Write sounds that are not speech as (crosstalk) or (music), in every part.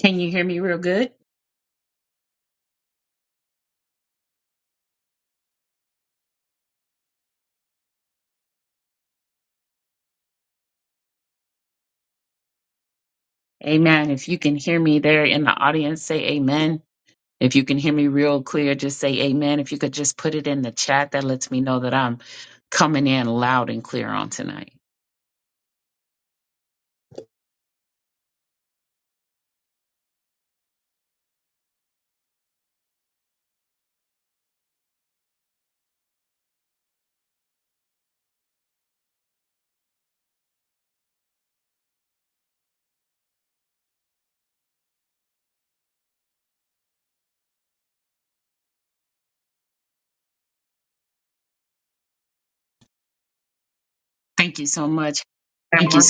Can you hear me real good? Amen. If you can hear me there in the audience, say amen. If you can hear me real clear, just say amen. If you could just put it in the chat, that lets me know that I'm coming in loud and clear on tonight. Thank you so much. Amen,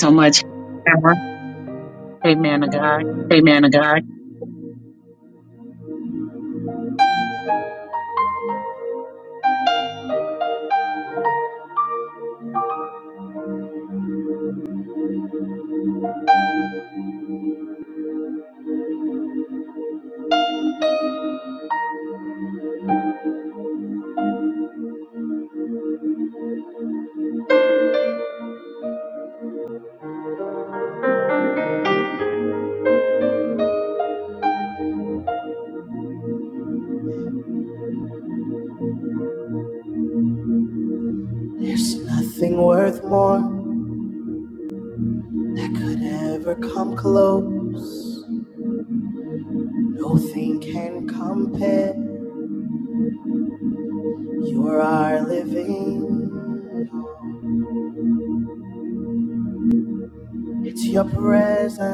Amen, to God. There's nothing worth more that could ever come close. Nothing can compare. You are our living. hope. It's your presence,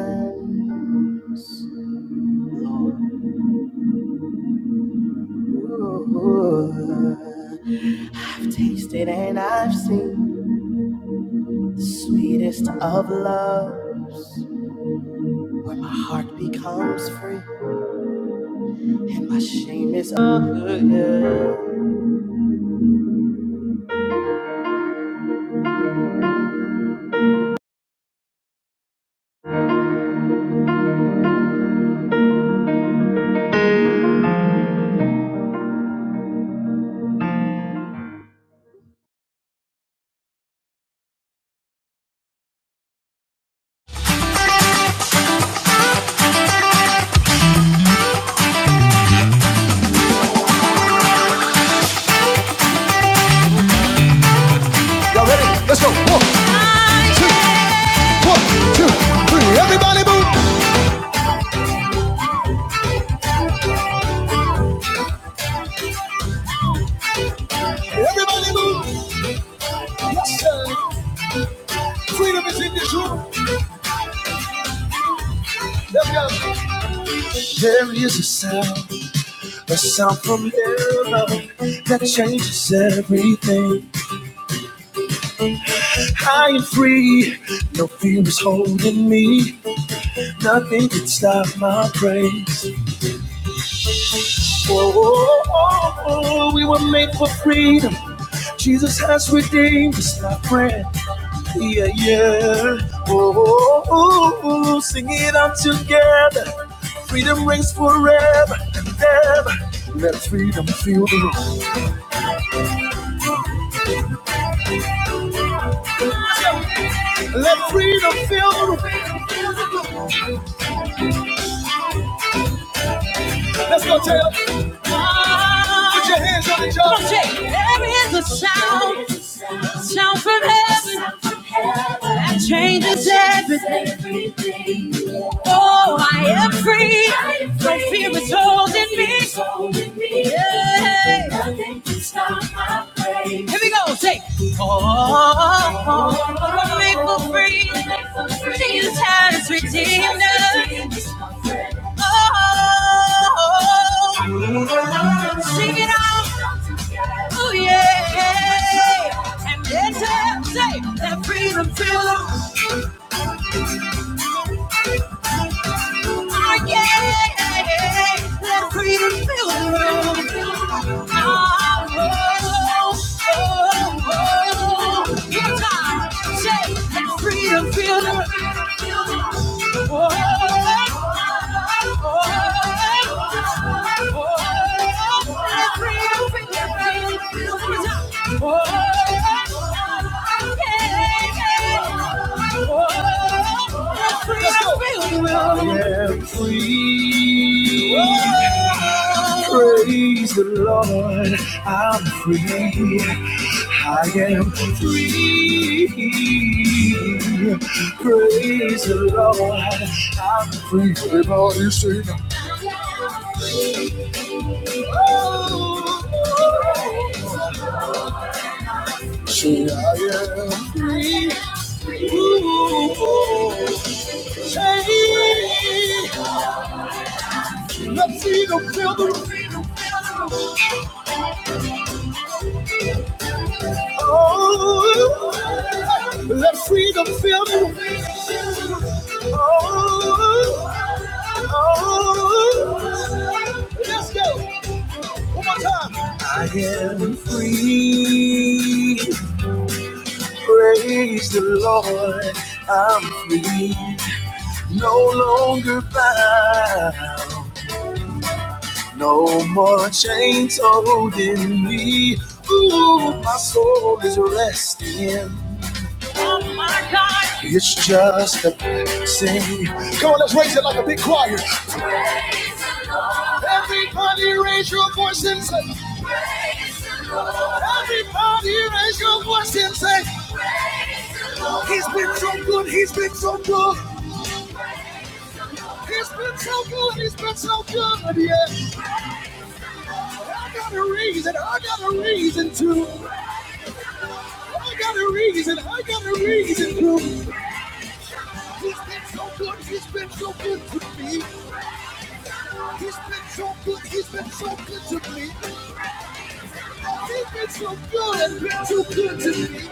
Lord. Ooh. I've tasted and I've seen the sweetest of loves, where my heart becomes free and my shame is. over. Y'all ready? Let's go. One. two, one, two, three. Everybody move. Everybody move. Yes, sir. Freedom is in this room. Let's go. There is a sound, a sound from heaven that changes everything. I am free. No fear is holding me. Nothing can stop my praise. Oh, oh, oh, oh, we were made for freedom. Jesus has redeemed us, my friend. Yeah, yeah. Oh, oh, oh, oh, oh. sing it out together. Freedom rings forever and ever. Let freedom feel the room. Feel the room. Put your hands on the job. Here we go. Take. Oh, I'm singing. again. Let freedom. Praise the Lord, I'm free. I am free. Praise the Lord, I'm free. Everybody sing, say I am free. Ooh, say, let freedom fill the room. Oh, let freedom fill the room. Oh, Oh, let's go. One more time. We praise the Lord. I'm free, no longer bound. No more chains holding me. Ooh, my soul is resting. It's just a blessing. Come on, let's raise it like a big choir. Everybody raise your voice and say, Everybody raise your voice and say, He's been so good, he's been so good. He's been so good, he's been so good, yeah. I got a reason, I got a reason to. I got a reason, I got a reason to. He's been so good, he's been so good to me. He's been so good, he's been so good to me. He's been so good and been so good to me.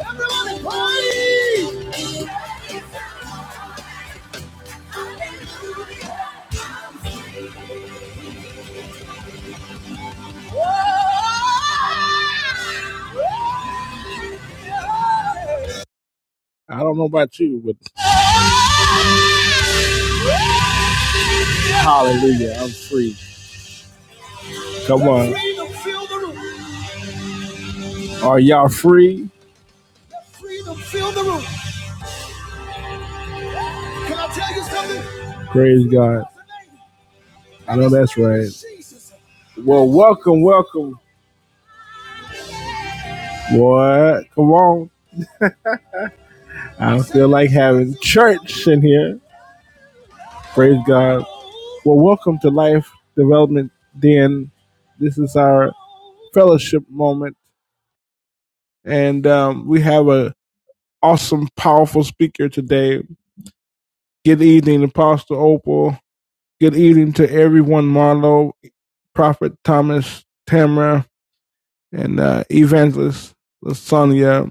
Everybody party! How about you with hallelujah, I'm free. Come on. Freedom fill the room. Are y'all free? Freedom fill the room. Can I tell you something? Praise God. I know that's right. Well, welcome, welcome. What? Come on. I don't feel like having church in here. Praise God. Well, welcome to Life Development Den. This is our fellowship moment, and um, we have an awesome, powerful speaker today. Good evening, Apostle Opal. Good evening to everyone, Marlo, Prophet Thomas, Tamara, and uh, Evangelist Sonia.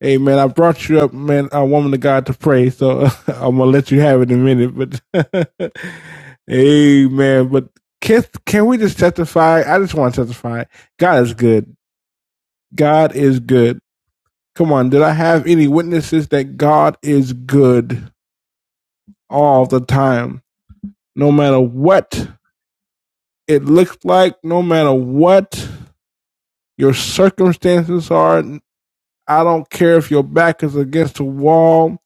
Hey man, I brought you up, man, a woman of God to pray. So (laughs) I'm gonna let you have it in a minute, but (laughs) hey man, but can can we just testify? I just want to testify. God is good. God is good. Come on, did I have any witnesses that God is good all the time, no matter what it looks like, no matter what your circumstances are, I don't care if your back is against the wall.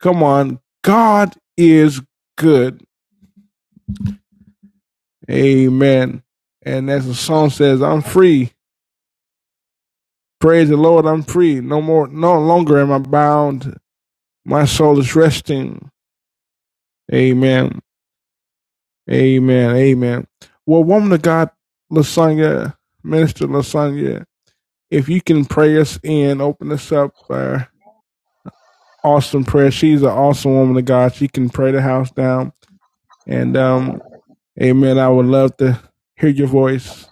Come on. God is good. Amen. And as the song says, I'm free. Praise the Lord, I'm free. No more, no longer am I bound. My soul is resting. Amen. Amen. Amen. Well, woman of God, Lasagna, Minister Lasagna, if you can pray us in, open us up. Uh, awesome prayer. She's an awesome woman of God. She can pray the house down And um, Amen. I would love to hear your voice.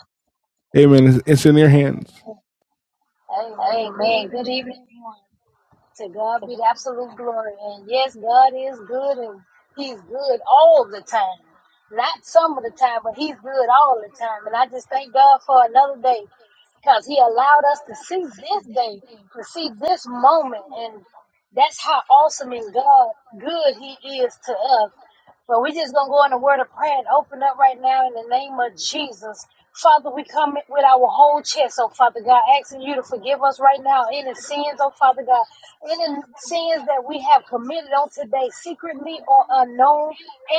Amen. It's, it's in your hands. Amen. Good evening, everyone. To God be the absolute glory. And yes, God is good and He's good all the time. Not some of the time, but He's good all the time. And I just thank God for another day because He allowed us to see this day, to see this moment. And that's how awesome and God good He is to us. But we just gonna go in a word of prayer and open up right now in the name of Jesus. Father, we come with our whole chest, oh Father God, asking you to forgive us right now any sins, oh Father God, any sins that we have committed on today, secretly or unknown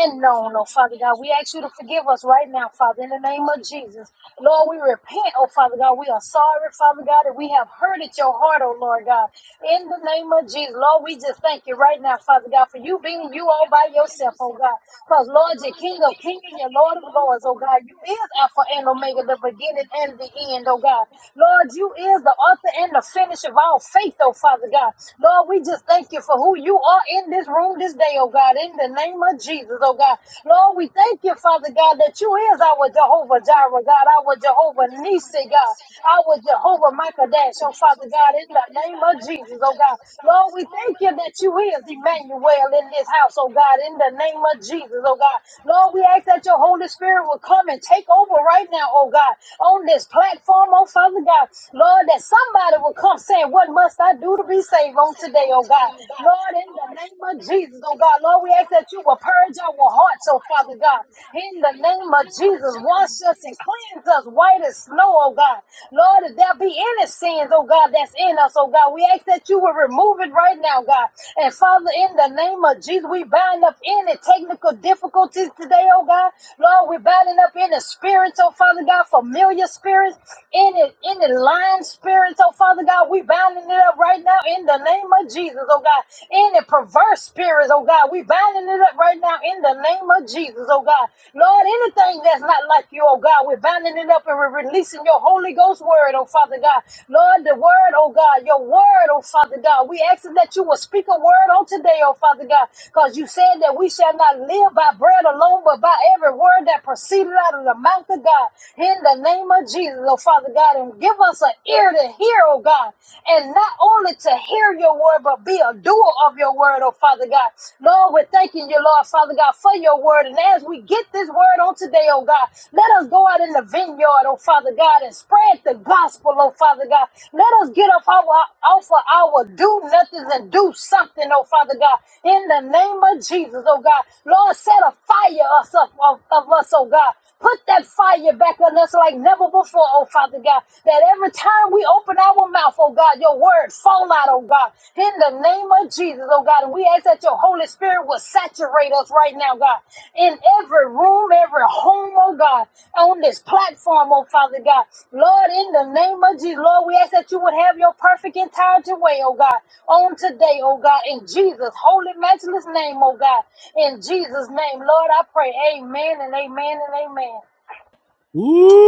and known, oh Father God. We ask you to forgive us right now, Father, in the name of Jesus. Lord, we repent, oh Father God. We are sorry, Father God, that we have hurted your heart, oh Lord God. In the name of Jesus, Lord, we just thank you right now, Father God, for you being you all by yourself, oh God. Because, Lord, you're King of Kings and your Lord of Lords, oh God. You is Alpha and Omega, the beginning and the end, oh God. Lord, you is the author and the finish of all faith, oh Father God. Lord, we just thank you for who you are in this room this day, oh God, in the name of Jesus, oh God. Lord, we thank you, Father God, that you is our Jehovah Jireh, God, our Jehovah Nisi, God, our Jehovah Michael Dash, oh Father God, in the name of Jesus, oh God. Lord, we thank you that you is Emmanuel in this house, oh God, in the name of Jesus, oh God. Lord, we ask that your Holy Spirit will come and take over right now, oh God, on this platform, oh Father God, Lord, that somebody will come saying, What must I do to be saved on today, oh God? Lord, in the name of Jesus, oh God, Lord, we ask that you will purge our hearts, oh Father God. In the name of Jesus, wash us and cleanse us white as snow, oh God. Lord, if there be any sins, oh God, that's in us, oh God, we ask that you will remove it right now, God. And Father, in the name of Jesus, we bind up any technical difficulties today, oh God. Lord, we're binding up in the spirits, oh Father God, familiar spirits, in it, in the lying spirits, oh Father God. We binding it up right now in the name of Jesus, oh God. In the perverse spirits, oh God. We binding it up right now in the name of Jesus, oh God. Lord, anything that's not like you, oh God, we're binding it up and we're releasing your Holy Ghost word, oh Father God. Lord, the word, oh God, your word, oh Father God. We ask that you will speak a word on today, oh Father God, because you said that we shall not not live by bread alone, but by every word that proceeded out of the mouth of God. In the name of Jesus, oh Father God, and give us an ear to hear, oh God, and not only to hear your word, but be a doer of your word, oh Father God. Lord, we're thanking you, Lord, Father God, for your word. And as we get this word on today, oh God, let us go out in the vineyard, oh Father God, and spread the gospel, oh Father God. Let us get off our off of our do nothings and do something, oh Father God. God, in the name of Jesus, oh God. Lord, set a fire us up of, of us, oh God. Put that fire back on us like never before, oh Father God. That every time we open our mouth, oh God, your word fall out, oh God. In the name of Jesus, oh God. And we ask that your Holy Spirit will saturate us right now, God. In every room, every home, oh God. On this platform, oh Father God. Lord, in the name of Jesus, Lord, we ask that you would have your perfect entire way, oh God on today, oh God, in Jesus' holy, matchless name, oh God, in Jesus' name, Lord, I pray, amen and amen and amen.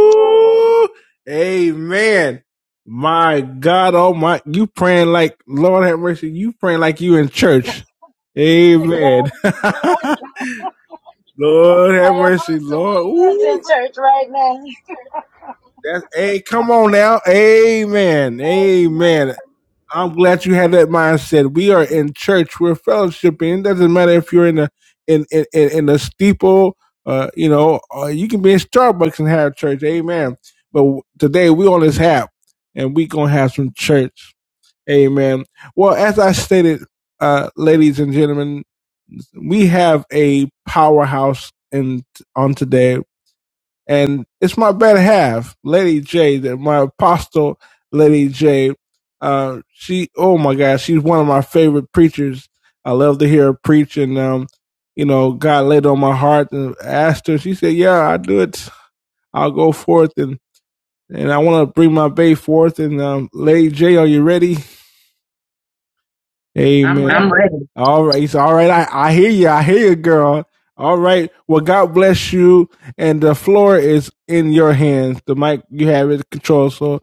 Glory Amen. My God, oh my, you praying like Lord have mercy. You praying like you in church. to God Amen. be the glory. (laughs) Lord have Hey, mercy, Apostle, we Lord. is Ooh. in church right now. That's hey, come on now. Amen. Amen. Amen. I'm glad you had that mindset. We are in church. We're fellowshipping. It doesn't matter if you're in a in in in, in a steeple. Uh, you know, uh, you can be in Starbucks and have church. Amen. But today we on this app, and we gonna have some church. Amen. Well, as I stated, uh, ladies and gentlemen, we have a powerhouse in on today, and it's my better half, Lady J, that my apostle, Lady J. Uh, she, oh my gosh, she's one of my favorite preachers. I love to hear her preach, and um, you know, God laid on my heart and asked her. She said, "Yeah, I do it. I'll go forth and." And I want to bring my bay forth. And um, Lady J, are you ready? I'm Amen. ready. All right. So, all right. I, I hear you. I hear you, girl. All right. Well, God bless you. And the floor is in your hands. The mic, you have it control. So,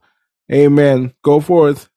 amen. Go forth.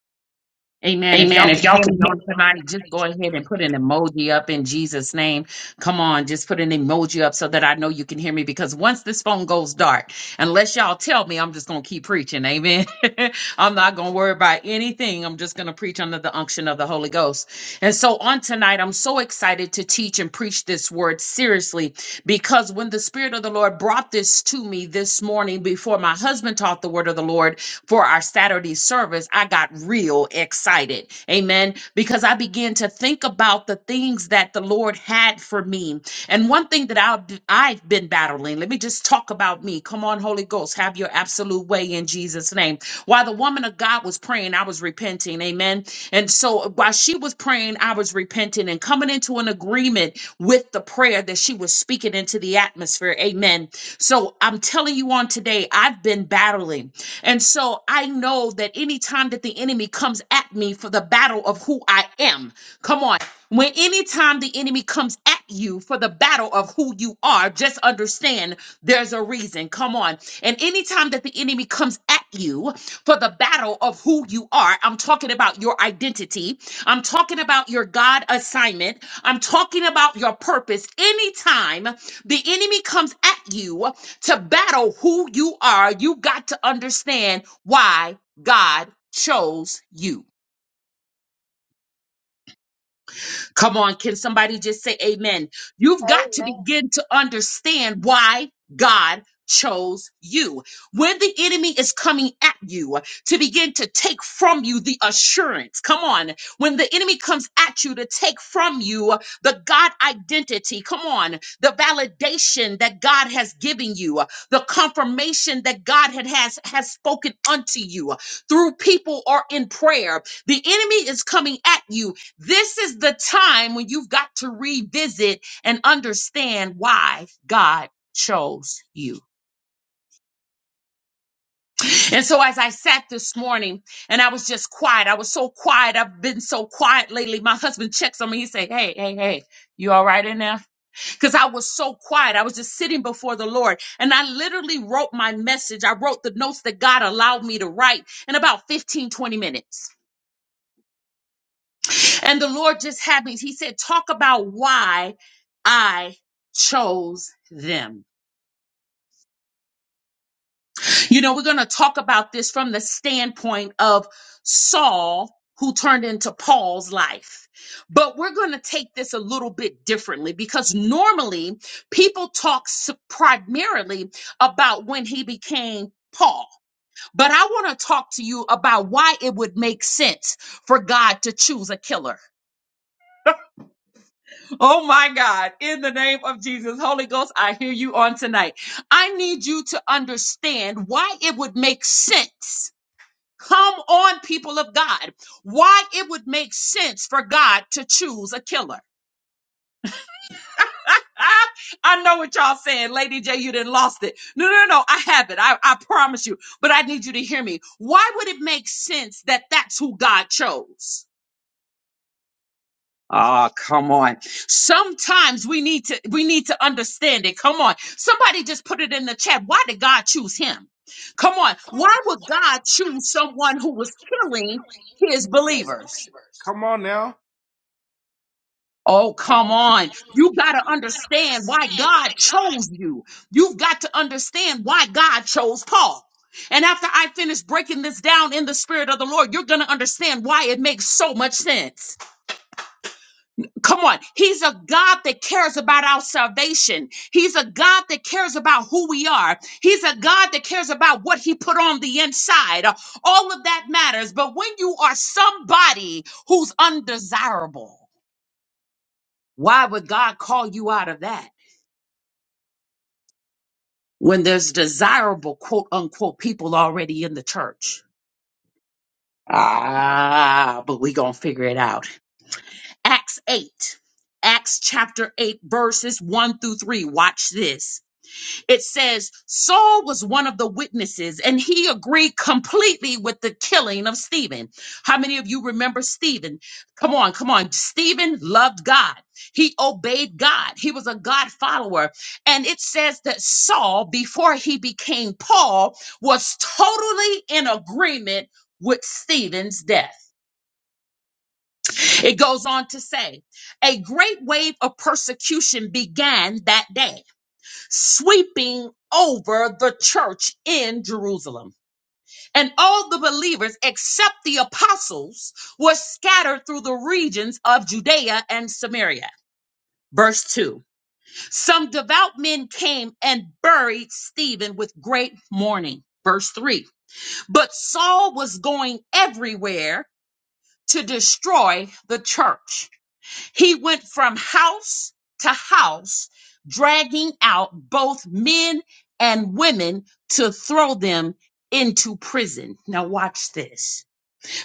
Amen. If y'all can hear me on tonight, just go ahead and put an emoji up in Jesus' name. Come on, just put an emoji up so that I know you can hear me because once this phone goes dark, unless y'all tell me, I'm just going to keep preaching. Amen. (laughs) I'm not going to worry about anything. I'm just going to preach under the unction of the Holy Ghost. And so on tonight, I'm so excited to teach and preach this word seriously because when the Spirit of the Lord brought this to me this morning before my husband taught the word of the Lord, for our Saturday service, I got real excited. Amen. Because I began to think about the things that the Lord had for me and one thing that I've, I've been battling, let me just talk about me. Come on, Holy Ghost, have your absolute way in Jesus' name. While the woman of God was praying, I was repenting. Amen. And so while she was praying, I was repenting and coming into an agreement with the prayer that she was speaking into the atmosphere. Amen. So I'm telling you on today, I've been battling. And so I know that anytime that the enemy comes at me for the battle of who I am, come on. When anytime the enemy comes at you for the battle of who you are, just understand there's a reason. Come on. And anytime that the enemy comes at you for the battle of who you are, I'm talking about your identity. I'm talking about your God assignment. I'm talking about your purpose. Anytime the enemy comes at you to battle who you are, you got to understand why God chose you. Come on, can somebody just say amen? You've got to Amen. begin to understand why God chose you. When the enemy is coming at you to begin to take from you the assurance, come on. When the enemy comes at you to take from you the God identity, come on, the validation that God has given you, the confirmation that God had has, has spoken unto you through people or in prayer, the enemy is coming at you this is the time when you've got to revisit and understand why God chose you. And so as I sat this morning and I was just quiet, I was so quiet. I've been so quiet lately. My husband checks on me. He say, Hey, hey, hey, you all right in there? Cause I was so quiet. I was just sitting before the Lord and I literally wrote my message. I wrote the notes that God allowed me to write in about 15 20 minutes. And the Lord just had me. He said, Talk about why I chose them. You know, we're going to talk about this from the standpoint of Saul, who turned into Paul's life. But we're going to take this a little bit differently because normally people talk s- primarily about when he became Paul. But I want to talk to you about why it would make sense for God to choose a killer. Oh my God, in the name of Jesus, Holy Ghost, I hear you on tonight. I need you to understand why it would make sense. Come on, people of God, why it would make sense for God to choose a killer. (laughs) I I know what y'all saying, Lady J. You didn't lost it. No, no, no. I have it. I, I promise you. But I need you to hear me. Why would it make sense that that's who God chose? Ah, come on. Sometimes we need to we need to understand it. Come on. Somebody just put it in the chat. Why did God choose him? Come on. Why would God choose someone who was killing his believers? Come Oh, come on. You got to understand why God chose you. You've got to understand why God chose Paul. And after I finish breaking this down in the spirit of the Lord, you're going to understand why it makes so much sense. Come on. He's a God that cares about our salvation. He's a God that cares about who we are. He's a God that cares about what he put on the inside. Uh, All of that matters. But when you are somebody who's undesirable, why would God call you out of that when there's desirable, quote unquote, people already in the church? Ah, but we going to figure it out. Acts 8, Acts chapter 8, verses 1 through 3. Watch this. it says Saul was one of the witnesses and he agreed completely with the killing of Stephen. How many of you remember Stephen? Come on, come on. Stephen loved God. He obeyed God. He was a God follower. And it says that Saul, before he became Paul, was totally in agreement with Stephen's death. It goes on to say, a great wave of persecution began that day sweeping over the church in Jerusalem. And all the believers, except the apostles, were scattered through the regions of Judea and Samaria. Verse 2 Some devout men came and buried Stephen with great mourning. Verse 3 But Saul was going everywhere to destroy the church. He went from house to house, dragging out both men and women to throw them into prison. Now, watch this.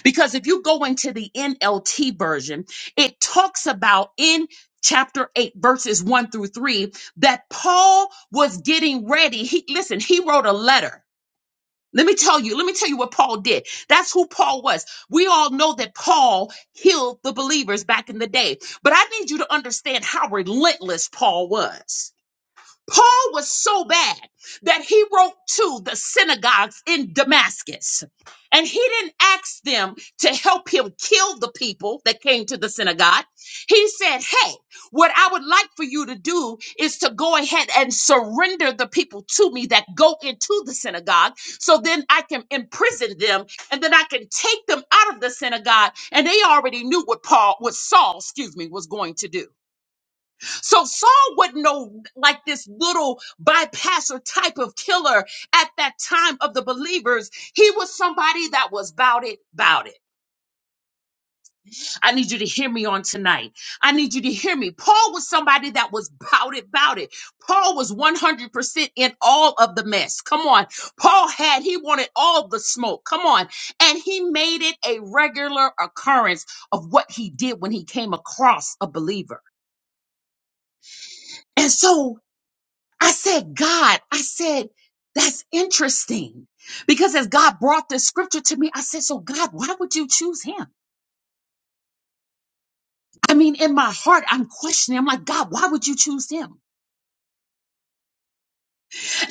Because if you go into the NLT version, it talks about in chapter 8 verses 1 through 3 that Paul was getting ready. He listen, he wrote a letter let me tell you, let me tell you what Paul did. That's who Paul was. We all know that Paul killed the believers back in the day, but I need you to understand how relentless Paul was. Paul was so bad that he wrote to the synagogues in Damascus. And he didn't ask them to help him kill the people that came to the synagogue. He said, Hey, what I would like for you to do is to go ahead and surrender the people to me that go into the synagogue so then I can imprison them and then I can take them out of the synagogue. And they already knew what Paul, what Saul, excuse me, was going to do. So Saul wouldn't know like this little bypasser type of killer at that time of the believers. He was somebody that was bout it, bout it. I need you to hear me on tonight. I need you to hear me. Paul was somebody that was bout it, bout it. Paul was 100% in all of the mess. Come on. Paul had, he wanted all the smoke. Come on. And he made it a regular occurrence of what he did when he came across a believer. And so I said, God, I said, that's interesting. Because as God brought this scripture to me, I said, So, God, why would you choose him? I mean, in my heart, I'm questioning. I'm like, God, why would you choose him?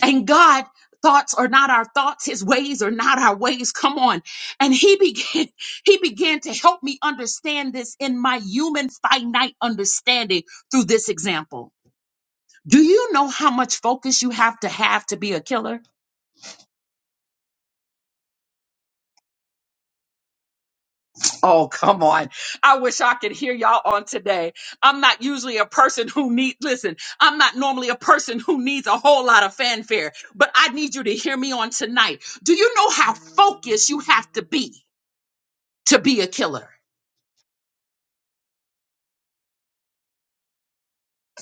And God, thoughts are not our thoughts, his ways are not our ways. Come on. And he began, (laughs) he began to help me understand this in my human finite understanding through this example. Do you know how much focus you have to have to be a killer? Oh, come on. I wish I could hear y'all on today. I'm not usually a person who need listen, I'm not normally a person who needs a whole lot of fanfare, but I need you to hear me on tonight. Do you know how focused you have to be to be a killer?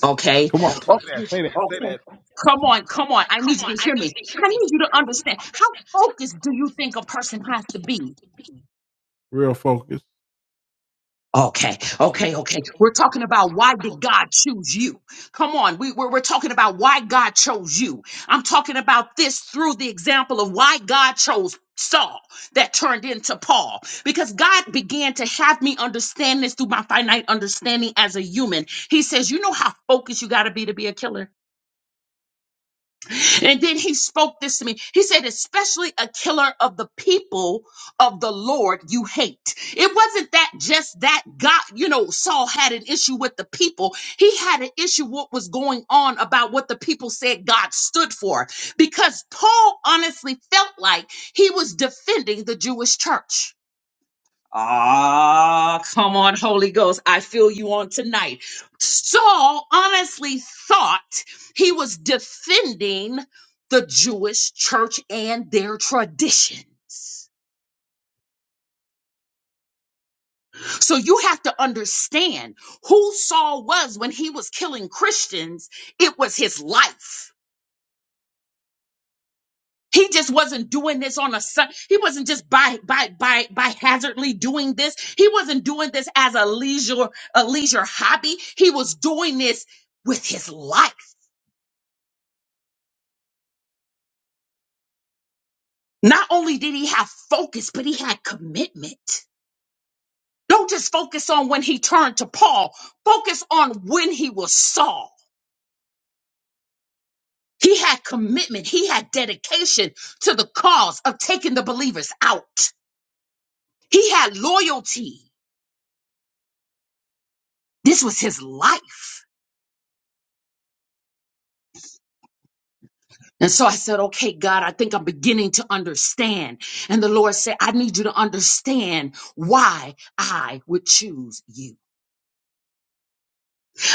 Okay. Come on. Come on, say Okay. that, say that, say Okay. that. Come on, come on. I need you to hear me. I need you to understand. How focused do you think a person has to be? Real focus. Okay, okay, okay. We're talking about why did God choose you? Come on, we, we're, we're talking about why God chose you. I'm talking about this through the example of why God chose Saul that turned into Paul. Because God began to have me understand this through my finite understanding as a human. He says, You know how focused you got to be to be a killer? And then he spoke this to me. He said, especially a killer of the people of the Lord you hate. It wasn't that just that God, you know, Saul had an issue with the people. He had an issue what was going on about what the people said God stood for. Because Paul honestly felt like he was defending the Jewish church. Ah, come on, Holy Ghost. I feel you on tonight. Saul honestly thought he was defending the Jewish church and their traditions. So you have to understand who Saul was when he was killing Christians. It was his life. He just wasn't doing this on a Sun. He wasn't just by by by by hazardly doing this. He wasn't doing this as a leisure a leisure hobby. He was doing this with his life. Not only did he have focus, but he had commitment. Don't just focus on when he turned to Paul. Focus on when he was Saul. He had commitment. He had dedication to the cause of taking the believers out. He had loyalty. This was his life. And so I said, okay, God, I think I'm beginning to understand. And the Lord said, I need you to understand why I would choose you.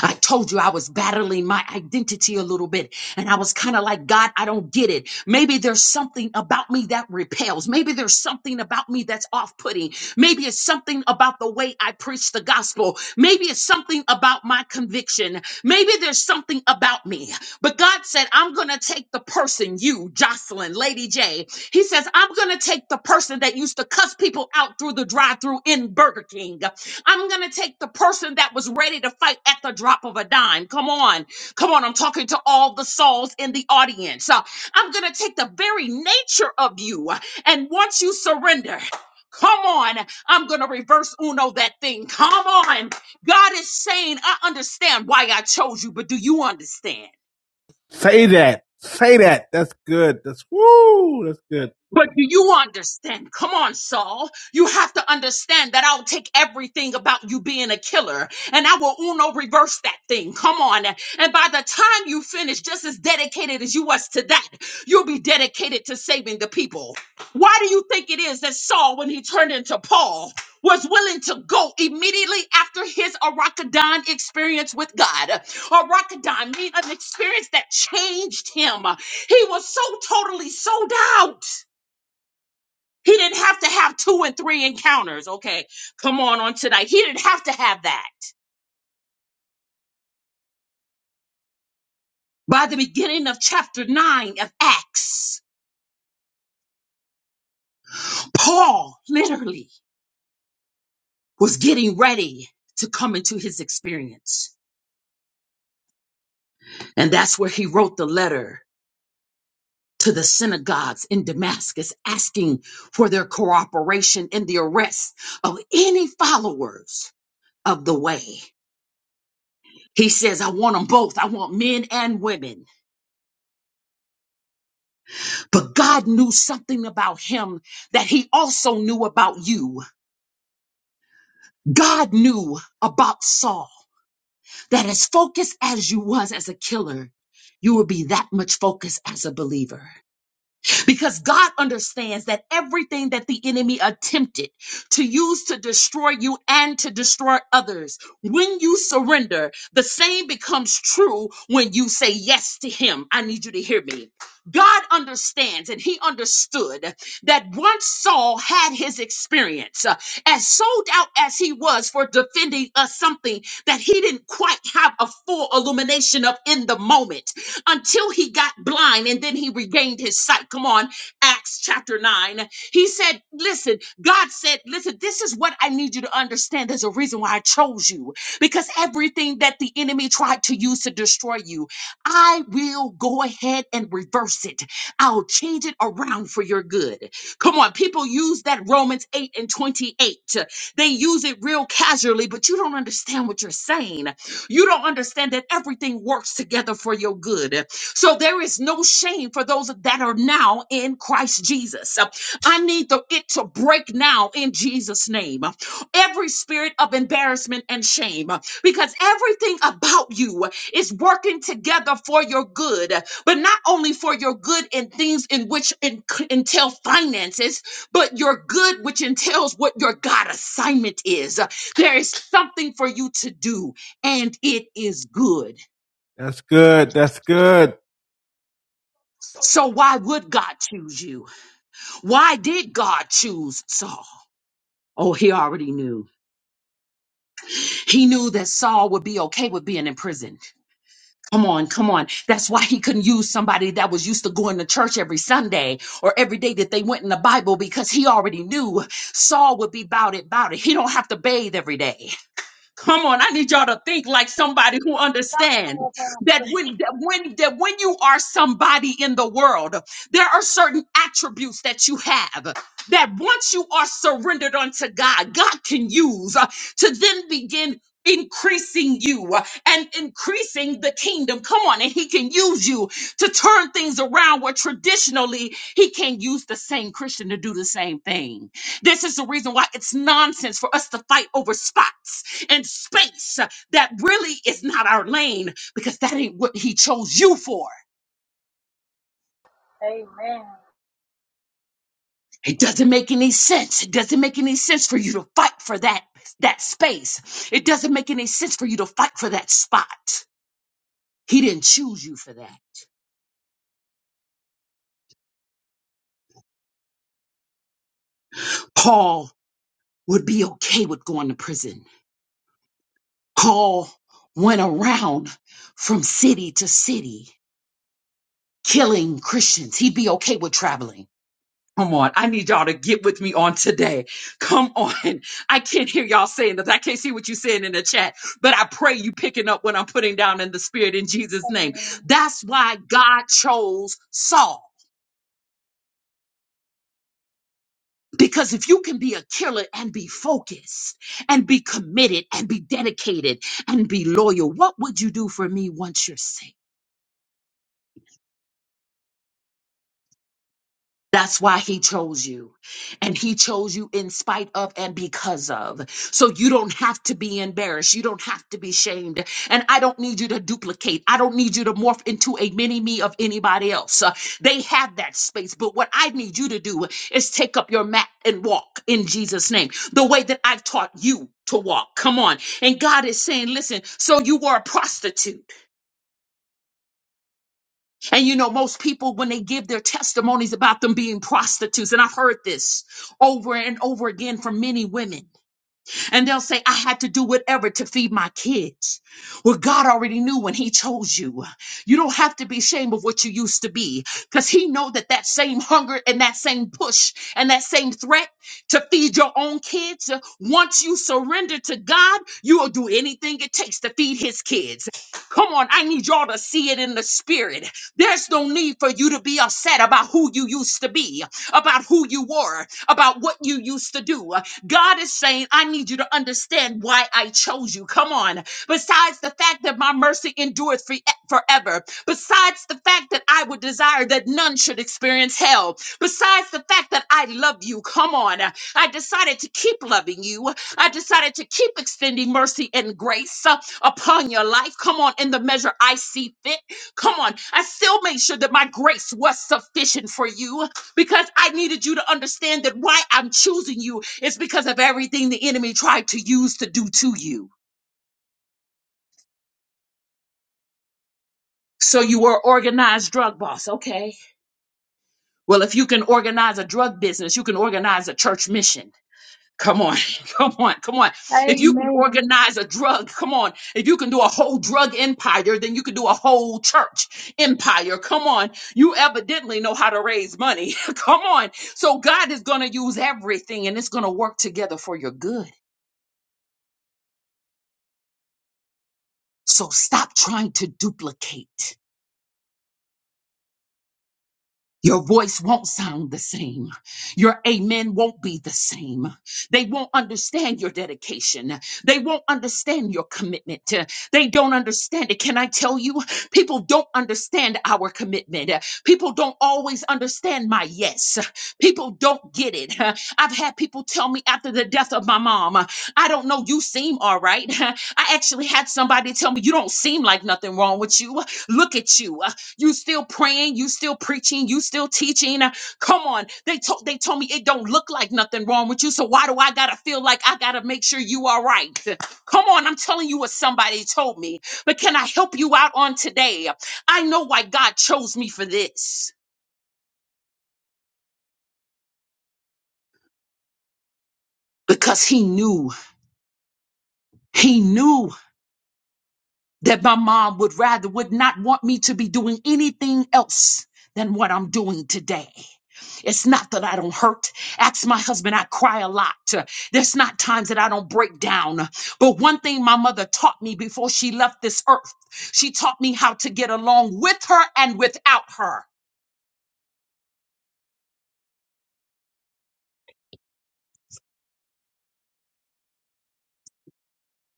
I told you I was battling my identity a little bit. And I was kind of like, God, I don't get it. Maybe there's something about me that repels. Maybe there's something about me that's off putting. Maybe it's something about the way I preach the gospel. Maybe it's something about my conviction. Maybe there's something about me. But God said, I'm going to take the person, you, Jocelyn, Lady J. He says, I'm going to take the person that used to cuss people out through the drive through in Burger King. I'm going to take the person that was ready to fight at the drop of a dime. Come on. Come on. I'm talking to all the souls in the audience. Uh, I'm going to take the very nature of you. uh, And once you surrender, Come on, I'm gonna reverse Uno that thing. Come on, God is saying, I understand why I chose you, but do you understand? Say that. Say that. That's good. That's woo. That's good. But do you understand? Come on, Saul. You have to understand that I'll take everything about you being a killer and I will uno reverse that thing. Come on. And by the time you finish, just as dedicated as you was to that, you'll be dedicated to saving the people. Why do you think it is that Saul, when he turned into Paul, was willing to go immediately after his Arachidon experience with God. Arachidon mean an experience that changed him. He was so totally sold out he didn't have to have two and three encounters. Okay, come on on tonight. He didn't have to have that. By the beginning of chapter 9 of Acts, Paul literally was getting ready to come into his experience. And that's where he wrote the letter to the synagogues in Damascus, asking for their cooperation in the arrest of any followers of the way. He says, I want them both. I want men and women But God knew something about him that he also knew about you. God knew about Saul that as focused as you was as a killer, you will be that much focused as a believer. because God understands that everything that the enemy attempted to use to destroy you and to destroy others, when you surrender, the same becomes true when you say yes to Him. I need you to hear me. God understands, and He understood that once Saul had his experience, uh, as sold out as he was for defending us something that he didn't quite have a full illumination of in the moment, until he got blind and then he regained his sight. Come on, Acts chapter 9. He said, Listen, God said, Listen, this is what I need you to understand. There's a reason why I chose you because everything that the enemy tried to use to destroy you, I will go ahead and reverse it. I'll change it around for your good. Come on, people use that Romans 8 and 28. They use it real casually, but you don't understand what you're saying you don't understand that everything works together for your good. So there is no shame for those that are now in Christ Jesus. I need the, it to break now in Jesus' name. Every spirit of embarrassment and shame, because everything about you is working together for your good, but not only for your good in things in which en- entail finances, but your good which entails what your God assignment is. There is something for you to do and it is good. That's good. That's good. So why would God choose you? Why did God choose Saul? Oh, he already knew. He knew that Saul would be okay with being imprisoned. Come on, come on. That's why he couldn't use somebody that was used to going to church every Sunday or every day that they went in the Bible because he already knew Saul would be about it, about it. He don't have to bathe every day. Come on, I need y'all to think like somebody who Come understands on, that Apostle. when that when that when you are somebody in the world, there are certain attributes that you have that once you are surrendered unto God, God can use uh, to then begin increasing you uh, and increasing the kingdom. Come on, and he can use you to turn things around where traditionally he can't use the same Christian to do the same thing. This is the reason why it's nonsense for us to fight over spots and space that really is not our lane because that ain't what he chose you for. Amen. It doesn't make any sense. It doesn't make any sense for you to fight for that that space. It doesn't make any sense for you to fight for that spot. He didn't choose you for that. Paul would be okay with going to prison. Paul went around from city to city killing Christians. He'd be okay with traveling. Come on. I need y'all to get with me on today. Come on. I can't hear y'all saying that. I can't see what you're saying in the chat, but I pray you picking up what I'm putting down in the spirit in Jesus' name. Amen. That's why God chose Saul. Because if you can be a killer and be focused and be committed and be dedicated and be loyal, what would you do for me once you're saved? That's why he chose you. And he chose you in spite of and because of. So you don't have to be embarrassed. You don't have to be shamed. And I don't need you to duplicate. I don't need you to morph into a mini me of anybody else. Uh, they have that space. But what I need you to do is take up your mat and walk in Jesus' name, the way that I've taught you to walk. Come on. And God is saying, listen, so you were a prostitute. And you know, most people, when they give their testimonies about them being prostitutes, and I've heard this over and over again from many women, and they'll say, I had to do whatever to feed my kids. Well, God already knew when He chose you. You don't have to be ashamed of what you used to be because He know that that same hunger and that same push and that same threat to feed your own kids, uh, once you surrender to God, you will do anything it takes to feed His kids. Come on, I need y'all to see it in the spirit. There's no need for you to be upset about who you used to be, about who you were, about what you used to do. God is saying, I need you to understand why I chose you. Come on. Besides the fact that my mercy endureth for- forever, besides the fact that I would desire that none should experience hell, besides the fact that I love you, come on. I decided to keep loving you. I decided to keep extending mercy and grace uh, upon your life. Come on, in the measure I see fit. Come on. I still made sure that my grace was sufficient for you because I needed you to understand that why I'm choosing you is because of everything the enemy tried to use to do to you. So you were an organized drug boss, okay? Well, if you can organize a drug business, you can organize a church mission. Come on, (laughs) come on, come on. If you can Amen. organize a drug, come on. If you can do a whole drug empire, then you can do a whole church empire. Come on. You evidently know how to raise money. (laughs) come on. So God is going to use everything and it's going to work together for your good. So stop trying to duplicate. Your voice won't sound the same. Your amen won't be the same. They won't understand your dedication. They won't understand your commitment. They don't understand it. Can I tell you? People don't understand our commitment. People don't always understand my yes. People don't get it. I've had people tell me after the death of my mom, I don't know, you seem all right. I actually had somebody tell me, you don't seem like nothing wrong with you. Look at you. You still praying, you still preaching, you still teaching. Uh, Come on. They told they told me it don't look like nothing wrong with you. So why do I gotta feel like I gotta make sure you are right? Come on, I'm telling you what somebody told me. But can I help you out on today? I know why God chose me for this. Because he knew. He knew that my mom would rather would not want me to be doing anything else than what I'm doing today. It's not that I don't hurt. Ask my husband, I cry a lot. There's not times that I don't break down. But one thing my mother taught me before she left this earth, she taught me how to get along with her and without her.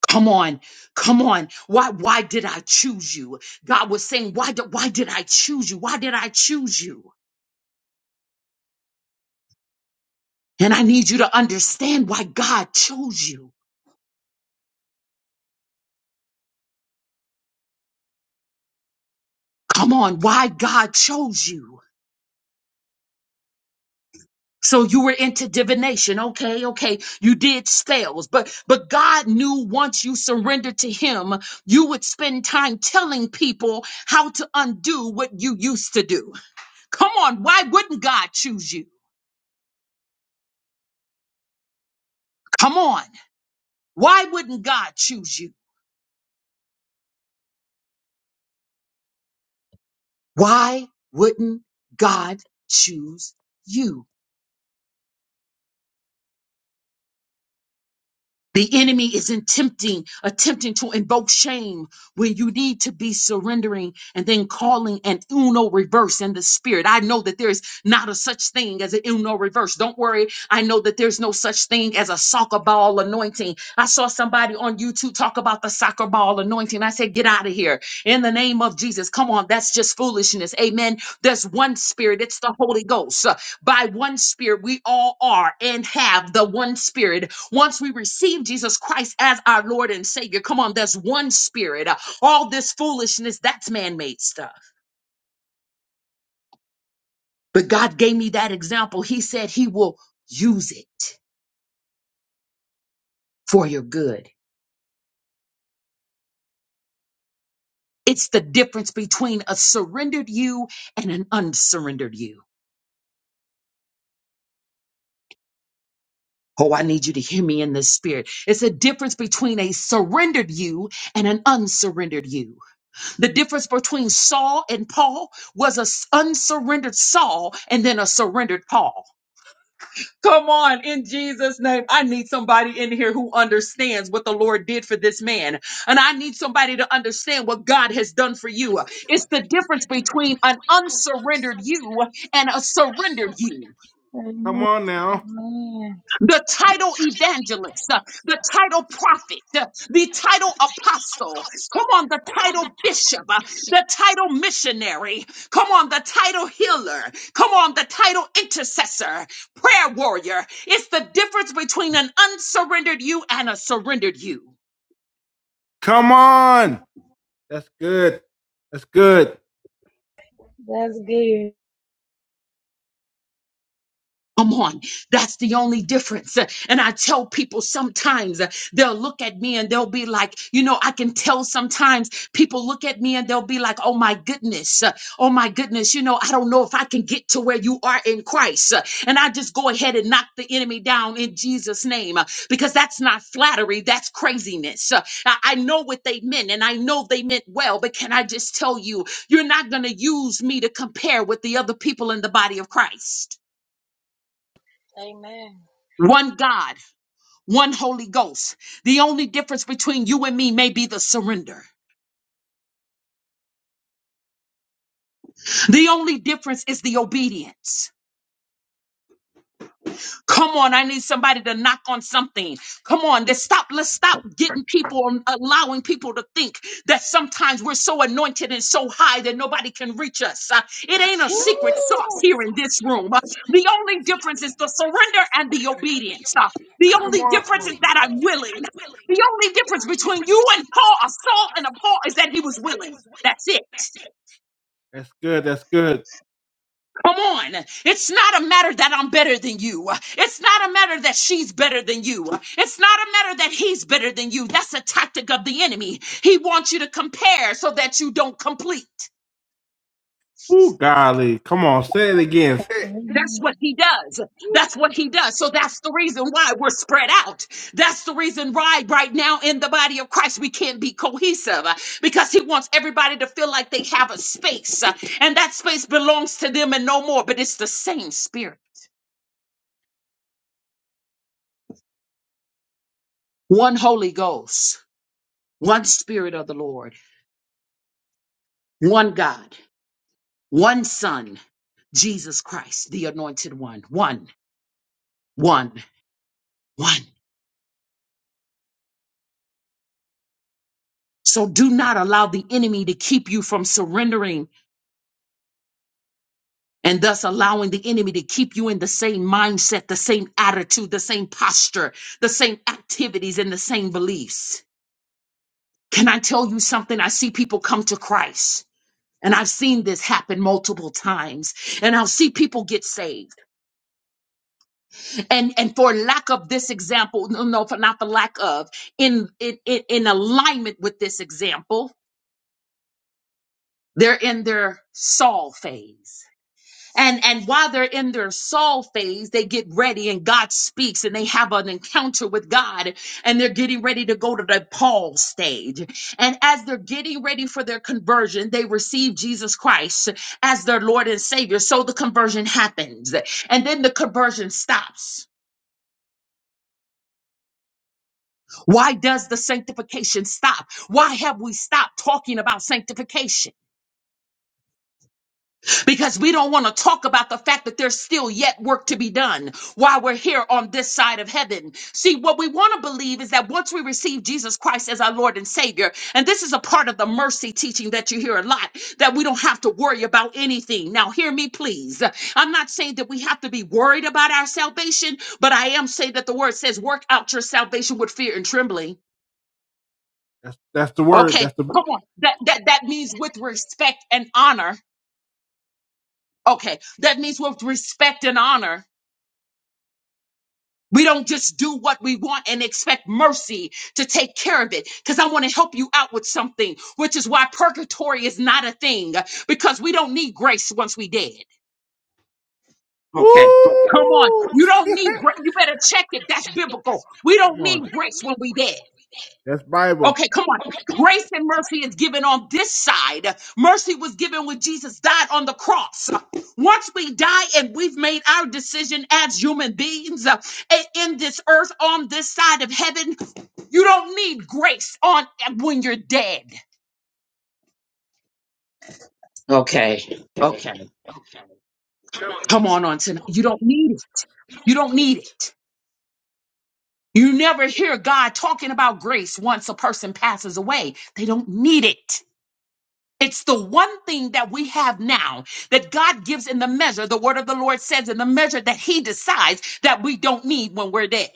Come on, come on. Why why did I choose you? God was saying, why did why did I choose you? Why did I choose you? And I need you to understand why God chose you. Come on, why God chose you. So you were into divination. Okay, okay. You did spells, but but God knew once you surrendered to him, you would spend time telling people how to undo what you used to do. Come on, why wouldn't God choose you? Come on. Why wouldn't God choose you? Why wouldn't God choose you? The enemy is attempting, attempting to invoke shame when you need to be surrendering and then calling an uno reverse in the spirit. I know that there's not a such thing as an uno reverse. Don't worry. I know that there's no such thing as a soccer ball anointing. I saw somebody on YouTube talk about the soccer ball anointing. I said, get out of here in the name of Jesus. Come on. That's just foolishness. Amen. There's one spirit. It's the Holy Ghost. Uh, By one spirit, we all are and have the one spirit once we receive Jesus Christ as our Lord and Savior, come on, there's one spirit. Uh, All this foolishness, that's man made stuff. But God gave me that example. He said He will use it for your good. It's the difference between a surrendered you and an unsurrendered you. Oh, I need you to hear me in this spirit. It's the difference between a surrendered you and an unsurrendered you. The difference between Saul and Paul was a s- unsurrendered Saul and then a surrendered Paul. Come on, in Jesus' name. I need somebody in here who understands what the Lord did for this man. And I need somebody to understand what God has done for you. It's the difference between an unsurrendered you and a surrendered you Come Amen. on now. Amen. the title evangelist, uh, the title prophet, uh, the title apostle, come on, the title bishop, uh, the title missionary, come on, the title healer, come on, the title intercessor, prayer warrior. It's the difference between an unsurrendered you and a surrendered you. Come on. That's good. That's good. That's good. I'm on. That's the only difference. And I tell people sometimes uh, they'll look at me and they'll be like, you know, I can tell sometimes people look at me and they'll be like, oh my goodness, uh, oh my goodness, you know, I don't know if I can get to where you are in Christ. Uh, And I just go ahead and knock the enemy down in Jesus' name uh, because that's not flattery, that's craziness. Uh, I I know what they meant and I know they meant well, but can I just tell you, you're not going to use me to compare with the other people in the body of Christ. Amen. One God, one Holy Ghost. The only difference between you and me may be the surrender. The only difference is the obedience. Come on, I need somebody to knock on something. Come on, let's stop. Let's stop getting people and allowing people to think that sometimes we're so anointed and so high that nobody can reach us. Uh, it ain't a Woo! secret sauce here in this room. Uh, the only difference is the surrender and the obedience. Uh, the Come only on. The only Oh my difference God. is is that that I'm willing. I'm willing. The only difference between you and Paul, a Saul and a Paul, is that he was willing. That's it. That's good. That's good. Come on. It's not a matter that I'm better than you. It's not a matter that she's better than you. It's not a matter that he's better than you. That's a tactic of the enemy. He wants you to compare so that you don't complete. Ooh, golly. Come on. Say it again. Say it. That's what he does. That's what he does. So that's the reason why we're spread out. That's the reason why right now in the body of Christ we can't be cohesive uh, because he wants everybody to feel like they have a space uh, and that space belongs to them and no more, but it's the same spirit. One Holy Ghost one Spirit of the Lord, one God, one Son, Jesus Christ, the Anointed One, one, one, one. So do not allow the enemy to keep you from surrendering and thus allowing the enemy to keep you in the same mindset, the same attitude, the same posture, the same activities, and the same beliefs. Can I tell you something? I see people come to Christ. And I've seen this happen multiple times. And I'll see people get saved and and for lack of this example no no for not the lack of in in in in alignment with this example they're in their Saul phase and and while they're in their Saul phase they get ready and God speaks and they have an encounter with God and they're getting ready to go to the Paul stage and as they're getting ready for their conversion they receive Jesus Christ as their Lord and Savior so the conversion happens and then the conversion stops Why does the sanctification stop? Why have we stopped talking about sanctification? Because we don't want to talk about the fact that there's still yet work to be done while we're here on this side of heaven. See, what we want to believe is that once we receive Jesus Christ as our Lord and Savior, and this is a part of the mercy teaching that you hear a lot, that we don't have to worry about anything. Now, hear me, please. I'm not saying that we have to be worried about our salvation, but I am saying that the word says, work out your salvation with fear and trembling. That's, that's the word. Okay, That's the. come on. Woo! That that that means with respect and honor. Okay, that means with respect and honor. We don't just do what we want and expect mercy to take care of it. Because I want to help you out with something, which is why purgatory is not a thing. Because we don't need grace once we dead. Okay. Come on. You don't need grace. You better check it. That's biblical. We Come don't on. need We don't grace when need we grace dead. when we need it. That's Bible. Okay, come on. Grace and mercy is given on this side. Mercy was given when Jesus died on the cross. Once we die and we've made our decision as human beings uh, in this earth on this side of heaven, you don't need grace on when you're dead. Okay. Okay. Come on on tonight. You don't need it. You don't need it. You never hear God talking about grace once a person passes away. They don't need it. It's the one thing that we have now that God gives in the measure, the word of the Lord says in the measure that He decides that we don't need when we're dead.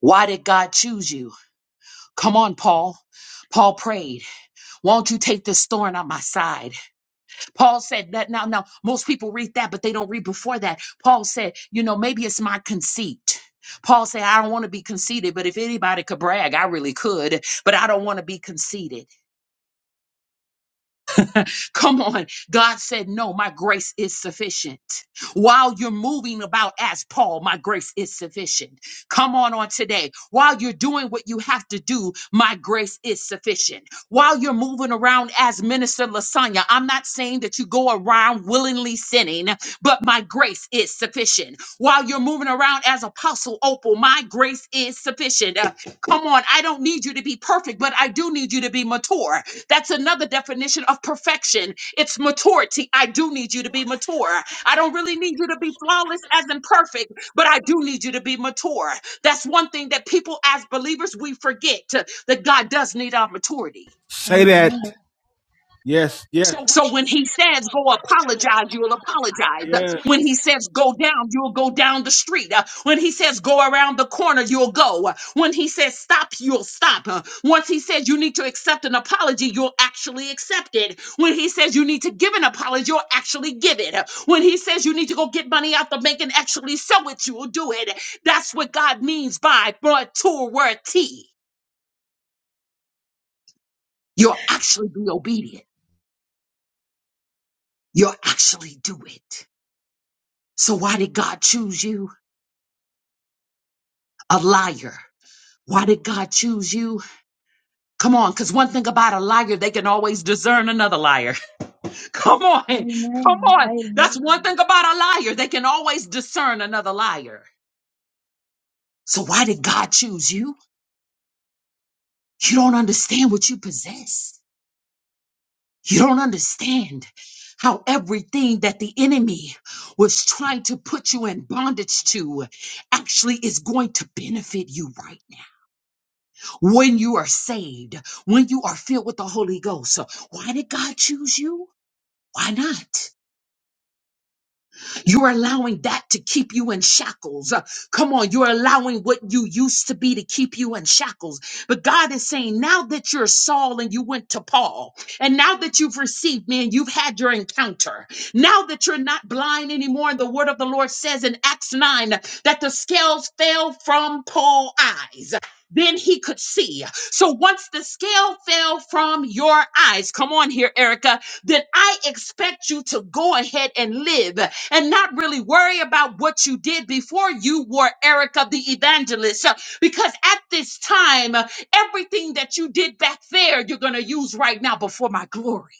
Why did God choose you? Come on, Paul. Paul prayed, Won't you take this thorn on my side? Paul said that now, now, most people read that, but they don't read before that. Paul said, You know, maybe it's my conceit. Paul said, I don't want to be conceited, but if anybody could brag, I really could, but I don't want to be conceited. Come on. God said, No, my grace is sufficient. While you're moving about as Paul, my grace is sufficient. Come on on today. While you're doing what you have to do, my grace is sufficient. While you're moving around as Minister Lasagna, I'm not saying that you go around willingly sinning, but my grace is sufficient. While you're moving around as Apostle Opal, my grace is sufficient. Uh, come on, I don't need you to be perfect, but I do need you to be mature. That's another definition of perfection. It's maturity. I do need you to be mature. I don't really need you to be flawless as in perfect, but I do need you to be mature. That's one thing that people as believers we forget uh, that God does need our maturity. Say that. Amen. Yes, yes. So when he says go apologize, you'll apologize. Yes. When he says go down, you'll go down the street. Uh, When he says go around the corner, you'll go. Uh, When he says stop, you'll stop. Uh, Once he says you need to accept an apology, you'll actually accept it. When he says you need to give an apology, you'll actually give it. Uh, When he says you need to go get money out the bank and actually sell it, you'll do it. That's what God means by but to word T. You'll actually be obedient. You'll actually do it. So why did God choose you? A liar. Why did God choose you? Come on, because one thing about a liar, they can always discern another liar. (laughs) Come on, come Amen. on. That's one Amen. thing about a liar, they can always discern another liar. So why did God choose you? You don't understand what you possess. You don't understand how everything that the enemy was trying to put you in bondage to actually is going to benefit you right now. when you are saved, when you are filled with the Holy Ghost. So Why did God choose you? Why not? You're allowing that to keep you in shackles. Uh, Come on, you're allowing what you used to be to keep you in shackles. But God is saying, now that you're Saul and you went to Paul, and now that you've received me and you've had your encounter, now that you're not blind anymore, and the word of the Lord says in Acts 9 that the scales fell from Paul's eyes. Then he could see. So once the scale fell from your eyes, come on here, Erica, then I expect you to go ahead and live and not really worry about what you did before you were Erica the evangelist. Uh, Because at this time, uh, everything that you did back there, you're going to use right now before my glory.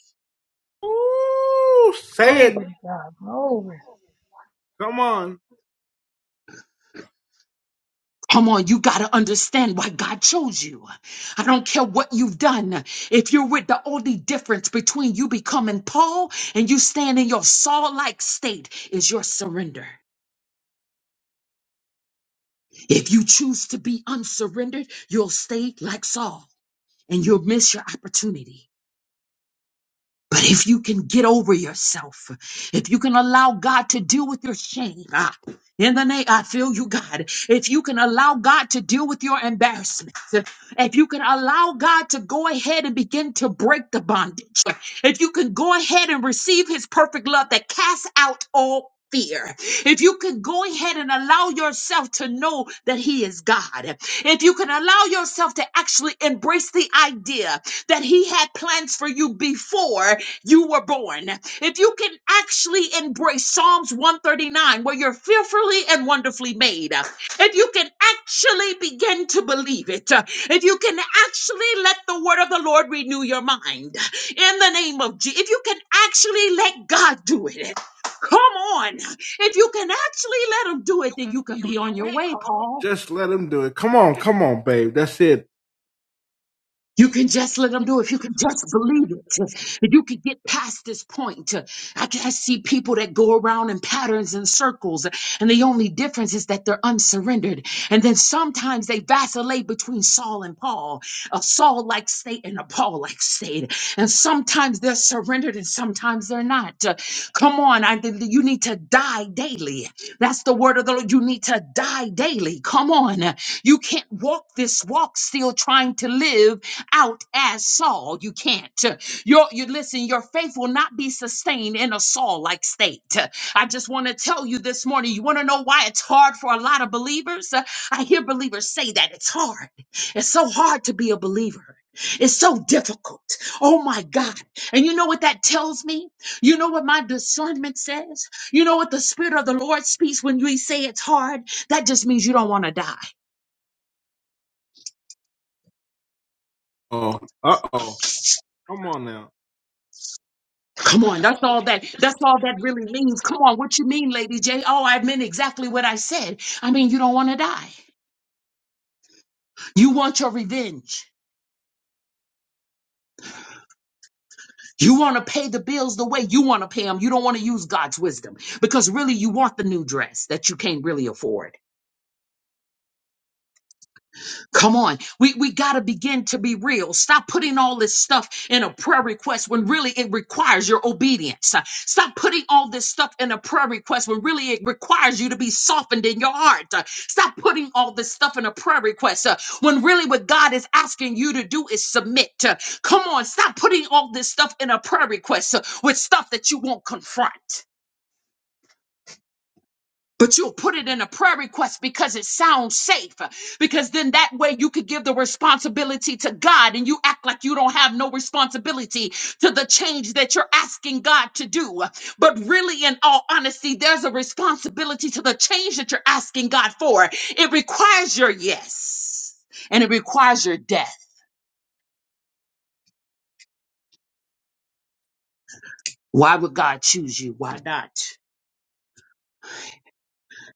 Ooh, say it. Glory to God. Glory. Come on. Come on, you got to understand why God chose you. I don't care what you've done. If you're with the only difference between you becoming Paul and you stand in your Saul like state is your surrender. If you choose to be unsurrendered, you'll stay like Saul and you'll miss your opportunity. But if you can get over yourself, if you can allow God to deal with your shame, ah, in the name, I feel you, God. If you can allow God to deal with your embarrassment, if you can allow God to go ahead and begin to break the bondage, if you can go ahead and receive his perfect love that casts out all fear, if you can go ahead and allow yourself to know that he is God, if you can allow yourself to actually embrace the idea that He had plans for you before you were born. If you can actually embrace Psalms 139, where you're fearfully and wonderfully made, if you can actually begin to believe it, if you can actually let the word of the Lord renew your mind in the name of Jesus, if you can actually let God do it. Come on. If you can actually let him do it, then you can be on your way, Paul. Just let him do it. Come on, come on, babe. That's it. You can just let them do it. If you can just believe it, if you can get past this point, I can I see people that go around in patterns and circles, and the only difference is that they're unsurrendered. And then sometimes they vacillate between Saul and Paul, a Saul like state and a Paul like state. And sometimes they're surrendered and sometimes they're not. Come on, I, you need to die daily. That's the word of the Lord. You need to die daily. Come on. You can't walk this walk still trying to live out as Saul. You can't. Your, you listen, your faith will not be sustained in a Saul like state. I just want to tell you this morning, you want to know why it's hard for a lot of believers? I hear believers say that it's hard. It's so hard to be a believer. It's so difficult. Oh my God. And you know what that tells me? You know what my discernment says? You know what the Spirit of the Lord speaks when we say it's hard? That just means you don't want to die. Oh, uh oh. Come on now. Come on, that's all that that's all that really means. Come on, what you mean, Lady J? Oh, I meant exactly what I said. I mean, you don't want to die. You want your revenge. You want to pay the bills the way you want to pay them. You don't want to use God's wisdom because really you want the new dress that you can't really afford. Come on. We, we got to begin to be real. Stop putting all this stuff in a prayer request when really it requires your obedience. Uh, Stop putting all this stuff in a prayer request when really it requires you to be softened in your heart. Uh, Stop putting all this stuff in a prayer request uh, when really what God is asking you to do is submit. Uh, Come on. Stop putting all this stuff in a prayer request uh, with stuff that you won't confront but you'll put it in a prayer request because it sounds safe. Because then that way you could give the responsibility to God and you act like you don't have no responsibility to the change that you're asking God to do. But really, in all honesty, there's a responsibility to the change that you're asking God for. It requires your yes and it requires your death. Why would God choose you? Why not?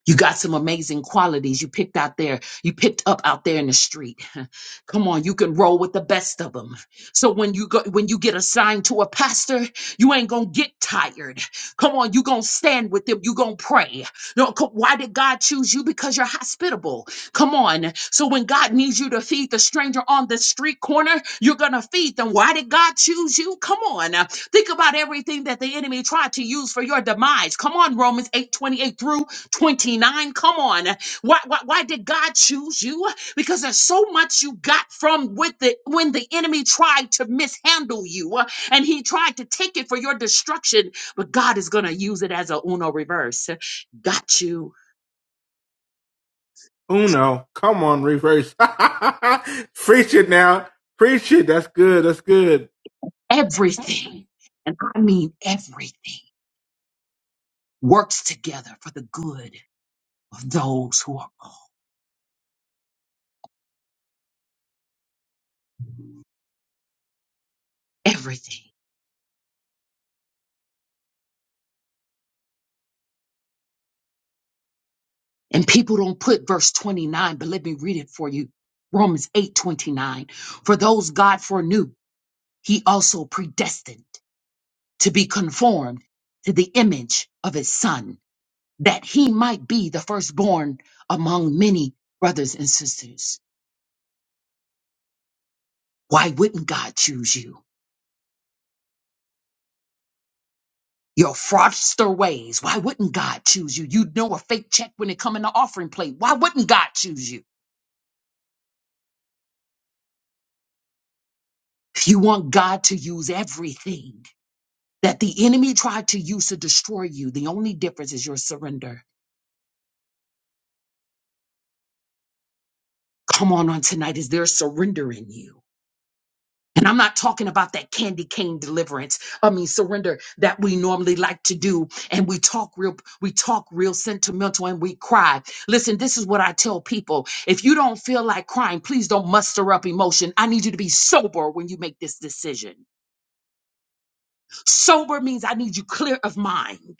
You got some amazing qualities you picked out there. You picked up out there in the street. (laughs) Come on, you can roll with the best of them. So when you go, when you get assigned to a pastor, you ain't gonna get tired. Come on, you gonna stand with them. You gonna pray. No, co- why did God choose you? Because you're hospitable. Come on. So when God needs you to feed the stranger on the street corner, you're going to feed them. Why did God choose you? Come on. Uh, Think about everything that the enemy tried to use for your demise. Come on, Romans 8 28 through 29. Come on. Why, why, why did God choose you? Because there's so much you got from with the when the enemy tried to mishandle you uh, and he tried to take it for your destruction, but God is gonna use it as a uno reverse. Got you Uno, come on, reverse. (laughs) Preach it now. Preach it. That's good. That's good. everything, and I mean everything, works together for the good of those who are called. Everything. And people don't put verse 29, but let me read it for you. Romans 8 29. For those God foreknew, he also predestined to be conformed to the image of his son, that he might be the firstborn among many brothers and sisters. Why wouldn't God choose you? Your fraudster ways. Why wouldn't God choose you? You know a fake check when it come in the offering plate. Why wouldn't God choose you? You want God to use everything that the enemy tried to use to destroy you. The only difference is your surrender. Come on on tonight is there surrender in you. And I'm not talking about that candy cane deliverance. I mean, surrender that we normally like to do. And we talk real, we talk real sentimental and we cry. Listen, this is what I tell people. If you don't feel like crying, please don't muster up emotion. I need you to be sober when you make this decision. Sober means I need you clear of mind.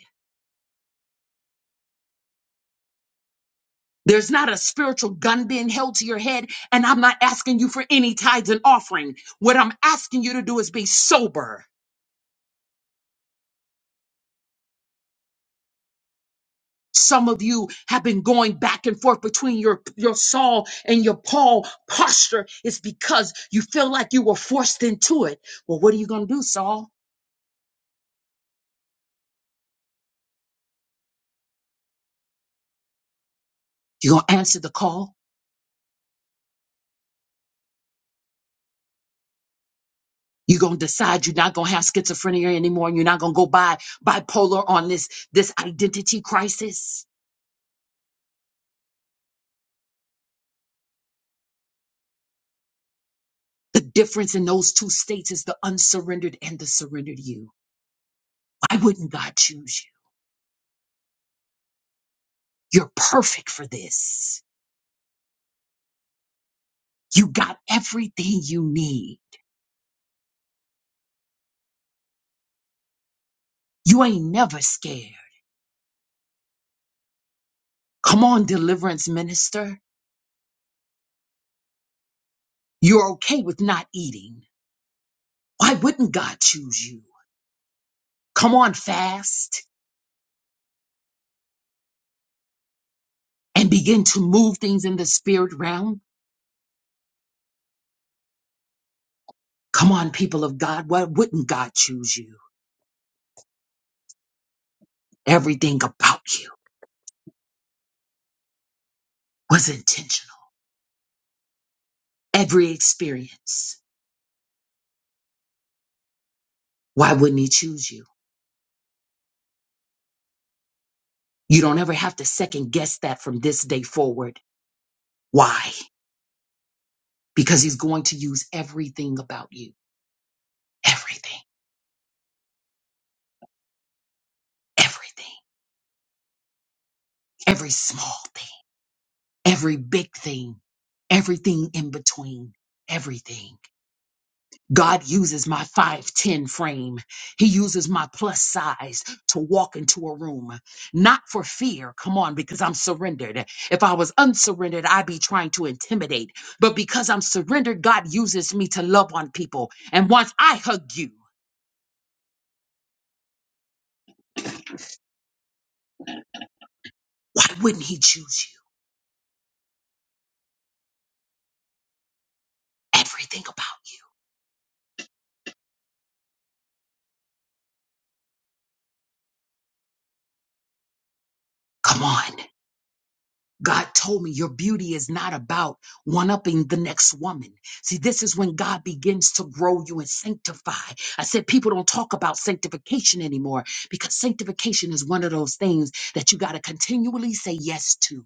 There's not a spiritual gun being held to your head. And I'm not asking you for any tithes and offering. What I'm asking you to do is be sober. Some of you have been going back and forth between your, your Saul and your Paul posture is because you feel like you were forced into it. Well, what are you going to do, Saul? You're going to answer the call. You're going to decide you're not going to have schizophrenia anymore and you're not going to go by bipolar on this, this identity crisis. The difference in those two states is the unsurrendered and the surrendered you. Why wouldn't God choose you? You're perfect for this. You got everything you need. You ain't never scared. Come on, deliverance minister. You're okay with not eating. Why wouldn't God choose you? Come on, fast and begin to move things in the spirit realm. Come on, people of God. Why wouldn't God choose you? Everything about you was intentional. Every experience. Why wouldn't He choose you? You don't ever have to second guess that from this day forward. Why? Because He's going to use everything about you. Everything. Everything. Every small thing every big thing, everything in between, everything. God uses my 5'10 frame. He uses my plus size to walk into a room, not for fear. Come on, because I'm surrendered. If I was unsurrendered, I'd be trying to intimidate. But because I'm surrendered, God uses me to love on people. And once I hug you, why wouldn't He choose you? Everything about you. Come on. God told me your beauty is not about one upping the next woman. See, this is when God begins to grow you and sanctify. I said people don't talk about sanctification anymore because sanctification is one of those things that you got to continually say yes to.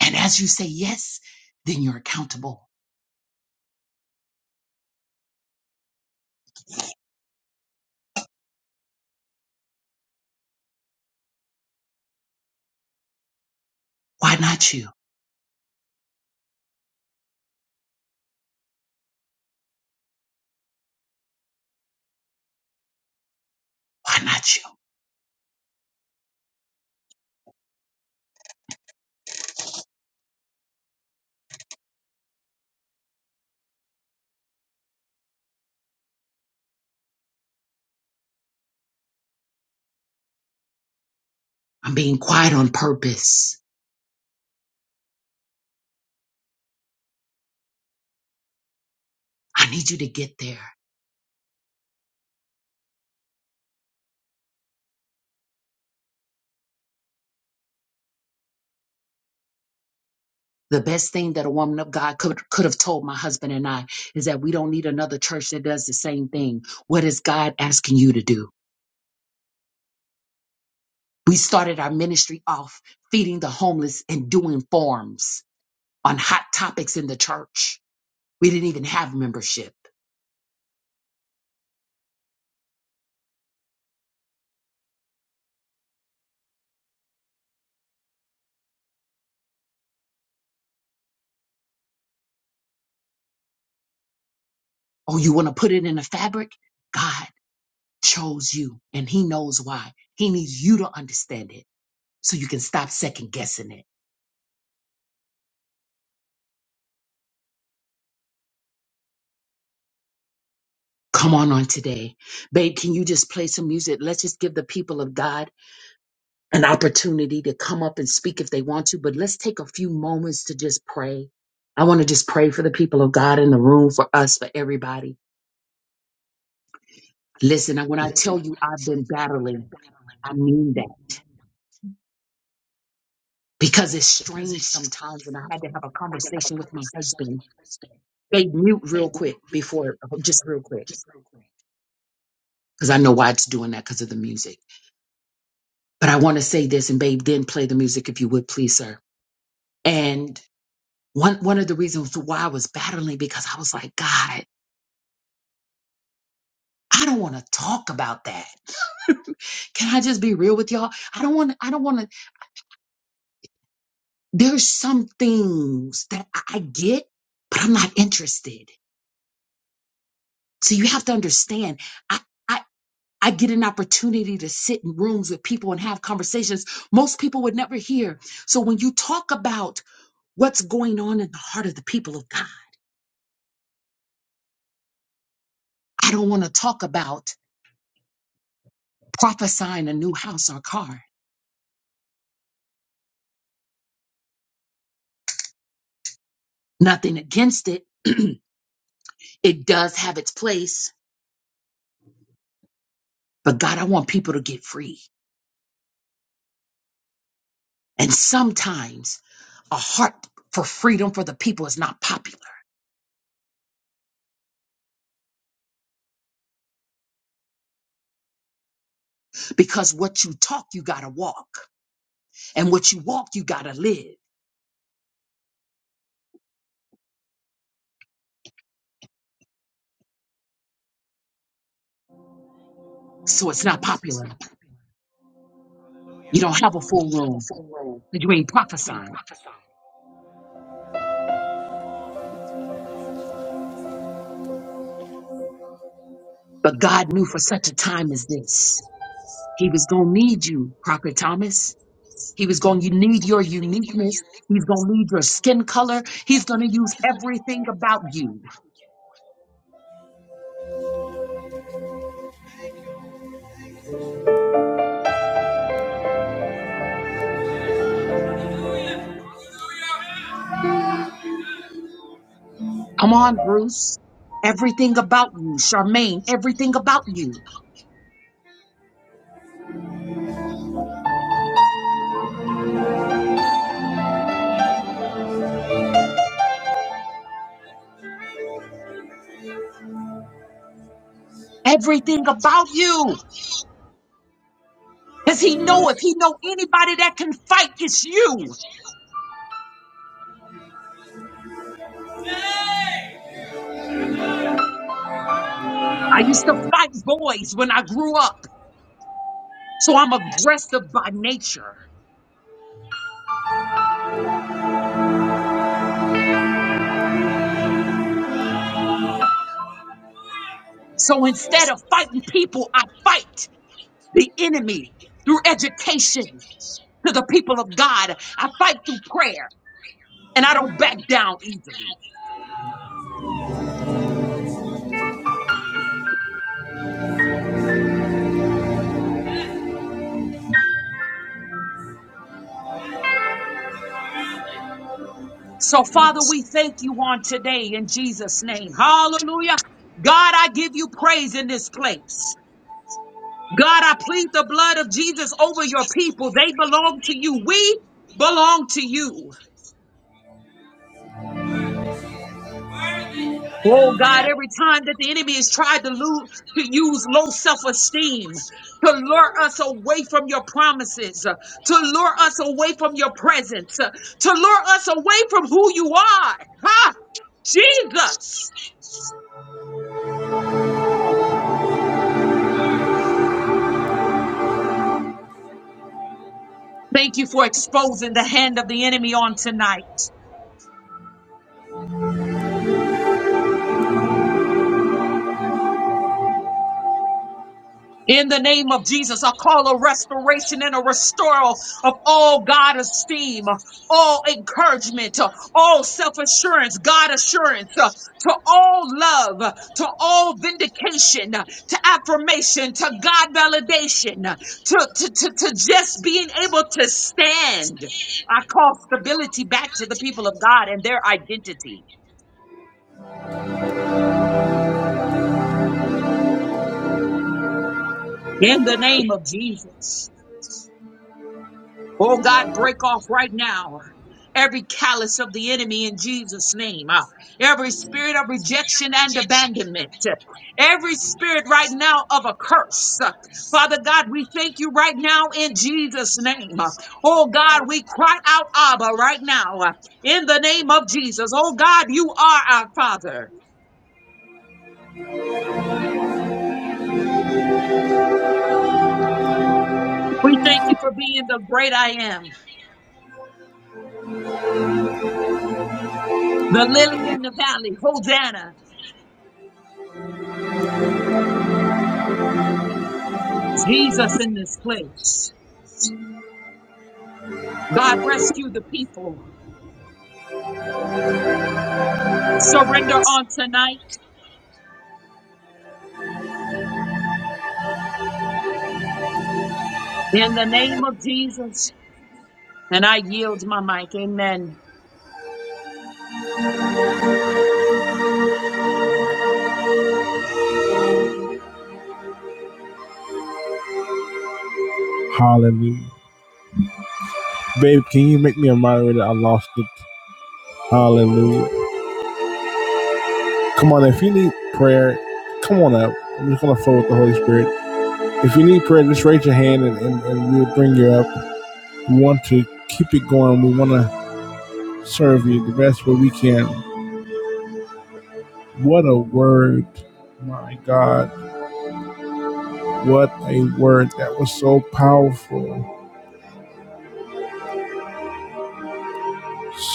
And as you say yes, then you're accountable. Why not you? Why not you? I'm being quiet on purpose. I need you to get there. The best thing that a woman of God could, could have told my husband and I is that we don't need another church that does the same thing. What is God asking you to do? We started our ministry off feeding the homeless and doing forums on hot topics in the church. We didn't even have membership. Oh, you want to put it in a fabric? God chose you and he knows why. He needs you to understand it so you can stop second guessing it. Come on on today. Babe, can you just play some music? Let's just give the people of God an opportunity to come up and speak if they want to, but let's take a few moments to just pray. I want to just pray for the people of God in the room, for us, for everybody. Listen, when I tell you I've been battling, I mean that because it's strange sometimes. And I had to have a conversation with my husband. They mute real quick before, just real quick, because I know why it's doing that because of the music. But I want to say this, and babe, then play the music if you would, please, sir. And one one of the reasons why I was battling because I was like, God. I don't want to talk about that. (laughs) Can I just be real with y'all? I don't want to, I don't want to. There's some things that I, I get, but I'm not interested. So you have to understand. I, I, I get an opportunity to sit in rooms with people and have conversations most people would never hear. So when you talk about what's going on in the heart of the people of God, I don't want to talk about prophesying a new house or car. Nothing against it. (clears throat) it does have its place But God, I want people to get free. And sometimes a heart for freedom for the people is not popular because what you talk, you got to walk. And what you walk, you got to live. So it's not popular. You don't have a full room because you ain't prophesying. But God knew for such a time as this, He was going to need you, Prophet Thomas. He was going to need your uniqueness. He's going to need your skin color. He's going to use everything about you Come on, Bruce. Everything about you, Charmaine, everything about you. Everything about you. Does he know if he know anybody that can fight, it's you. I used to fight boys when I grew up, so I'm aggressive by nature. So instead of fighting people, I fight the enemy through education to the people of God. I fight through prayer and I don't back down easily. So, Father, we thank you on today in Jesus' name. Hallelujah. God, I give you praise in this place. God, I plead the blood of Jesus over your people. They belong to you. We belong to you. Oh God, every time that the enemy has tried to lose, to use low self-esteem to lure us away from your promises, uh, to lure us away from your presence, uh, to lure us away from who you are. Ha! Jesus. Thank you for exposing the hand of the enemy on tonight. In the name of Jesus, I call a restoration and a restoral of all God esteem, all encouragement, uh, all self assurance, God assurance, uh, to all love, uh, to all vindication, uh, to affirmation, to God validation, uh, to, to, to, to just being able to stand. I call stability back to the people of God and their identity. In the name of Jesus. Oh God, break off right now every callous of the enemy in Jesus' name, uh, every spirit of rejection and abandonment, uh, every spirit right now of a curse. Uh, Father God, we thank you right now in Jesus' name. Uh, oh God, we cry out, Abba, right now uh, in the name of Jesus. Oh God, you are our Father. We thank you for being the great I am, the lily in the valley, Hosanna, Jesus in this place. God, rescue the people. surrender on tonight in the name of Jesus. And I yield my mic. Amen. Hallelujah. Babe, can you make me a moderator? I lost it. Hallelujah. Come on, if you need prayer, come on up. I'm just going to flow with the Holy Spirit. If you need prayer, just raise your hand and, and, and we'll bring you up. We want to keep it going. We want to serve you the best way we can. What a word, my God. What a word that was so powerful.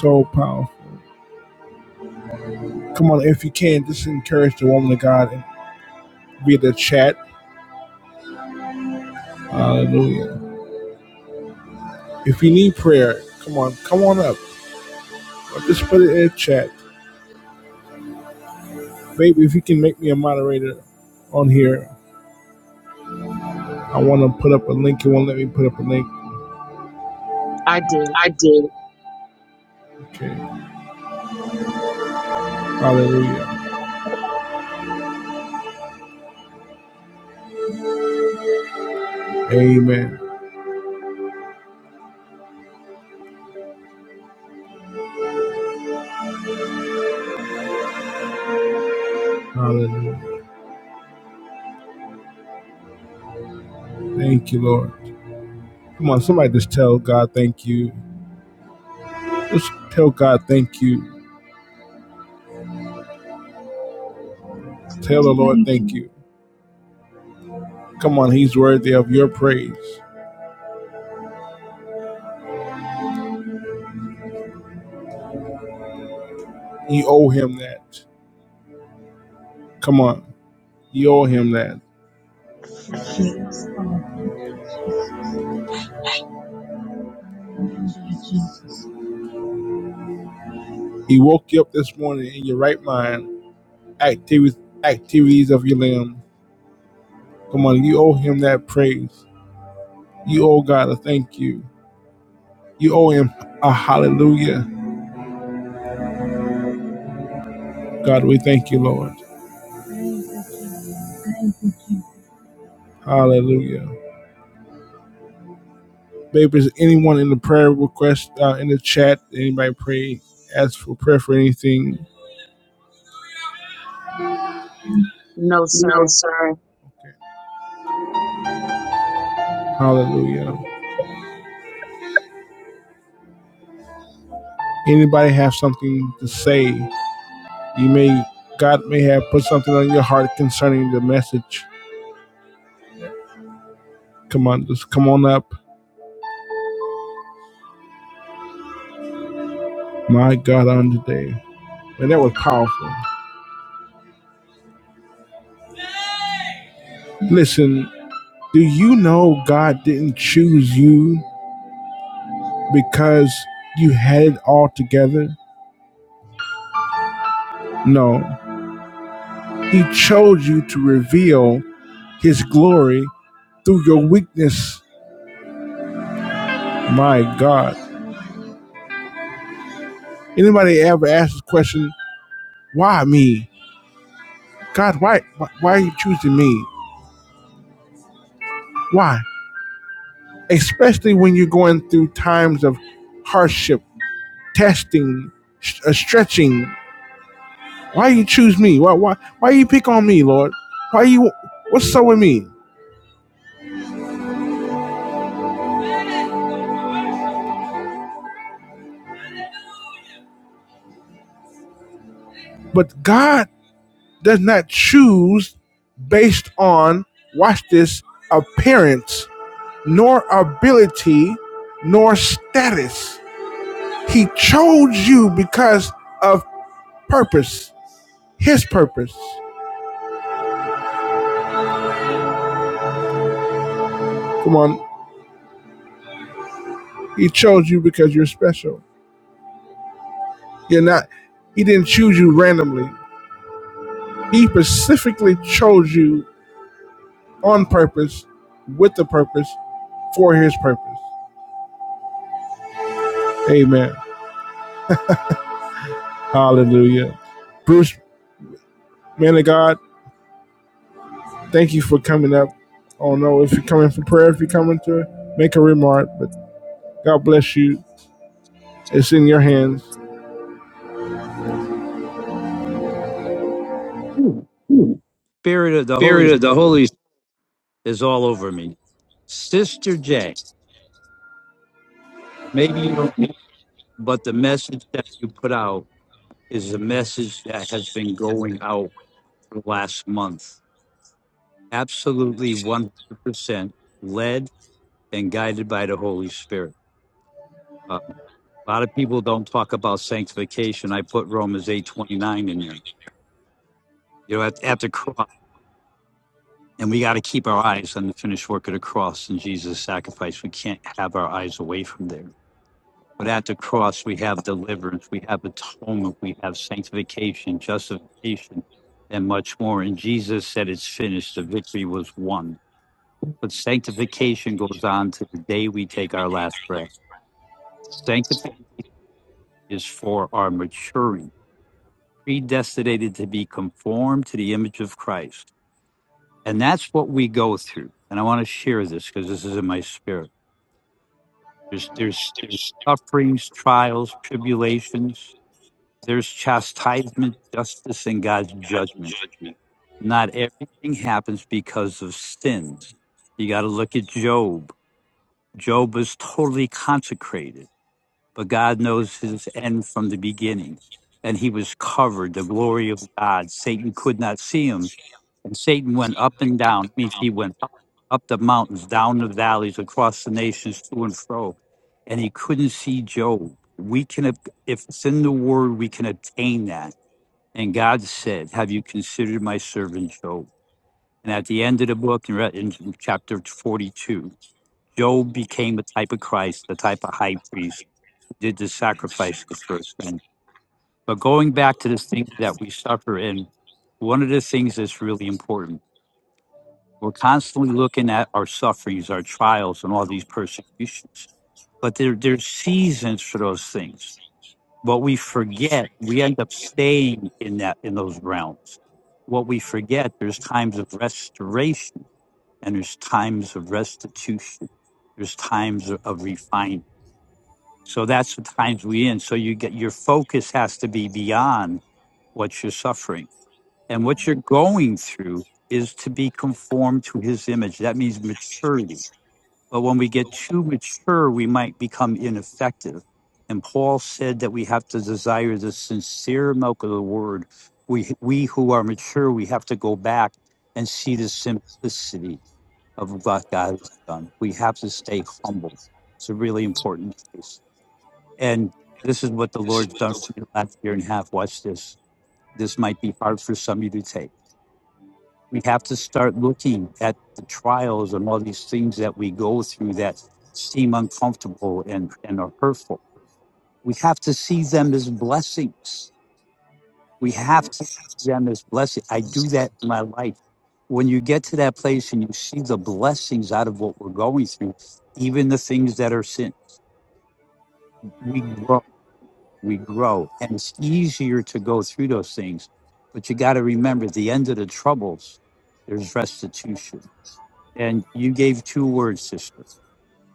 So powerful. Come on, if you can, just encourage the woman of God and via the chat. Hallelujah. If you need prayer, come on, come on up. Or just put it in the chat. Baby, if you can make me a moderator on here, I want to put up a link. You won't let me put up a link. I did. Okay. Hallelujah. Amen. Hallelujah. Thank you, Lord. Come on, somebody just tell God thank you. Just tell God thank you. Tell the Thank Lord you, Lord. thank you. Come on, He's worthy of your praise. You owe Him that. Come on, you owe Him that. Yes, Lord. Thank you, Jesus. Thank you, Jesus. He woke you up this morning in your right mind, activities, activities of your limb. Come on, you owe Him that praise. You owe God a thank you. You owe Him a hallelujah. God, we thank you, Lord. Thank you, Jesus. Hallelujah. Baby, is anyone in the prayer request uh, in the chat? Anybody pray? Ask for prayer for anything. No, sir. Hallelujah. Anybody have something to say? You may God may have put something on your heart concerning the message. Come on, just come on up. My God, on today, and that was powerful. Listen, do you know God didn't choose you because you had it all together? No, He chose you to reveal His glory through your weakness. My God. Anybody ever asked the question, why me? God, why, why, are you choosing me? Why? Especially when you're going through times of hardship, testing, sh- uh, stretching. Why you choose me? Why, why, why you pick on me, Lord? Why you, what's so with me? But God does not choose based on, watch this, appearance, nor ability, nor status. He chose you because of purpose, his purpose. Come on, He chose you because you're special. You're not, He didn't choose you randomly. He specifically chose you on purpose, with the purpose, for His purpose. Amen. Hallelujah. Bruce, man of God, thank you for coming up. I don't know if you're coming for prayer, if you're coming to make a remark, but God bless you. It's in your hands. Ooh. Spirit of the Holy Spirit is all over me. Sister J, maybe you don't know, but the message that you put out is a message that has been going out for the last month. Absolutely 100% led and guided by the Holy Spirit. Uh, a lot of people don't talk about sanctification. I put Romans 8.29 in there. You know, at, at the cross, and we got to keep our eyes on the finished work of the cross and Jesus' sacrifice. We can't have our eyes away from there But at the cross, we have deliverance, we have atonement, we have sanctification, justification, and much more. And Jesus said, It's finished. The victory was won. But sanctification goes on to the day we take our last breath. Sanctification is for our maturing, predestinated to be conformed to the image of Christ. And that's what we go through. And I want to share this because this is in my spirit. There's, there's, there's sufferings, trials, tribulations There's chastisement, justice, and God's God's judgment. judgment. Not everything happens because of sins. You got to look at Job. Job was totally consecrated, but God knows his end from the beginning. And he was covered, the glory of God. Satan could not see him. And Satan went up and down. I mean, he went up, up the mountains, down the valleys, across the nations, to and fro. And he couldn't see Job. We can, if it's in the word, we can obtain that and God said, Have you considered my servant Job? And at the end of the book, in re- in chapter 42, Job became a type of Christ, the type of high priest, who did the sacrifices for a friend. But going back to the things that we suffer in, one of the things that's really important, we're constantly looking at our sufferings, our trials, and all these persecutions. But there, there's seasons for those things what we forget, we end up staying in that in those realms. What we forget, there's times of restoration and there's times of restitution. There's times of, of refining. So that's the times we in. So you get your focus has to be beyond what you're suffering and what you're going through is to be conformed to His image. That means maturity but when we get too mature, we might become ineffective. And Paul said that we have to desire the sincere milk of the word. We, we who are mature, we have to go back and see the simplicity of what God has done. We have to stay humble. It's a really important place. And this is what the Lord's done for me the last year and a half. Watch this. This might be hard for some of you to take we have to start looking at the trials and all these things that we go through that seem uncomfortable and, and are hurtful. We have to see them as blessings. We have to see them as blessings. I do that in my life. When you get to that place and you see the blessings out of what we're going through, even the things that are sin, we grow, we grow. And it's easier to go through those things. But you got to remember at the end of the troubles, there's restitution And you gave two words, sister.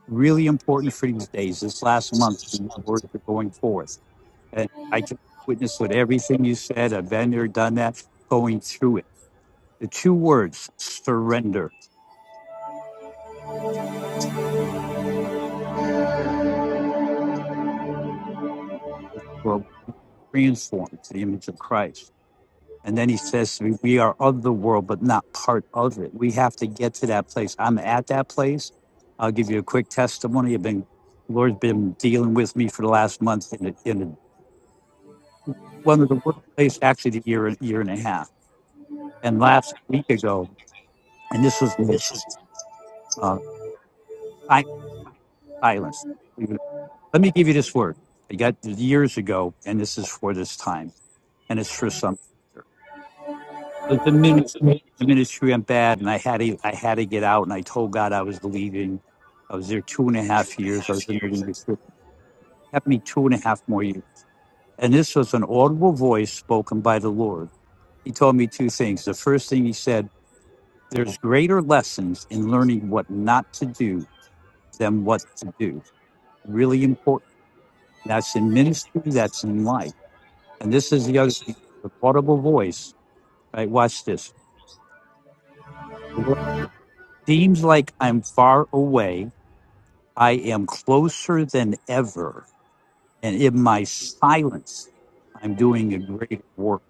Really important for these days, this last month, the word for going forth. And I can witness with everything you said. I've been there, done that, going through it. The two words, surrender, were transformed to the image of Christ. And then he says to me, We are of the world, but not part of it. We have to get to that place. I'm at that place. I'll give you a quick testimony. I've been, the Lord's been dealing with me for the last month in a, in a one of the worst places actually the year year and a half. And last week ago, and this was the uh, si- silence. Let me give you this word. I got this years ago, and this is for this time, and it's for some. I was in ministry, the ministry went bad, and I had to I had to get out, and I told God I was leaving. I was there two and a half years. I was in the leadership. It kept me two and a half more years. And this was an audible voice spoken by the Lord. He told me two things. The first thing he said There's greater lessons in learning what not to do than what to do. Really important. That's in ministry, that's in life. And this is the other thing the audible voice. Right? Watch this. The seems like I'm far away. I am closer than ever. And in my silence, I'm doing a great work.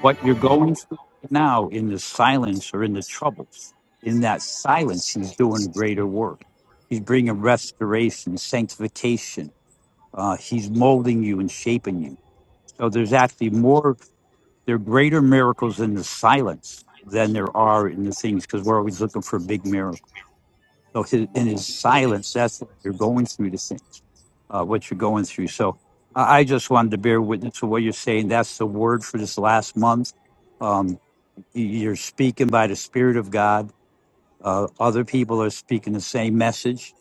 What you're going through right now in the silence or in the troubles, in that silence, he's doing greater work. He's bringing restoration, sanctification. Uh, he's molding you and shaping you. So there's actually more, there are greater miracles in the silence than there are in the things because we're always looking for a big miracle. So his, in his silence, that's what you're going through the things, uh, what you're going through. So I I just wanted to bear witness to what you're saying. That's the word for this last month. Um, you- You're speaking by the Spirit of God. Uh, other people are speaking the same message.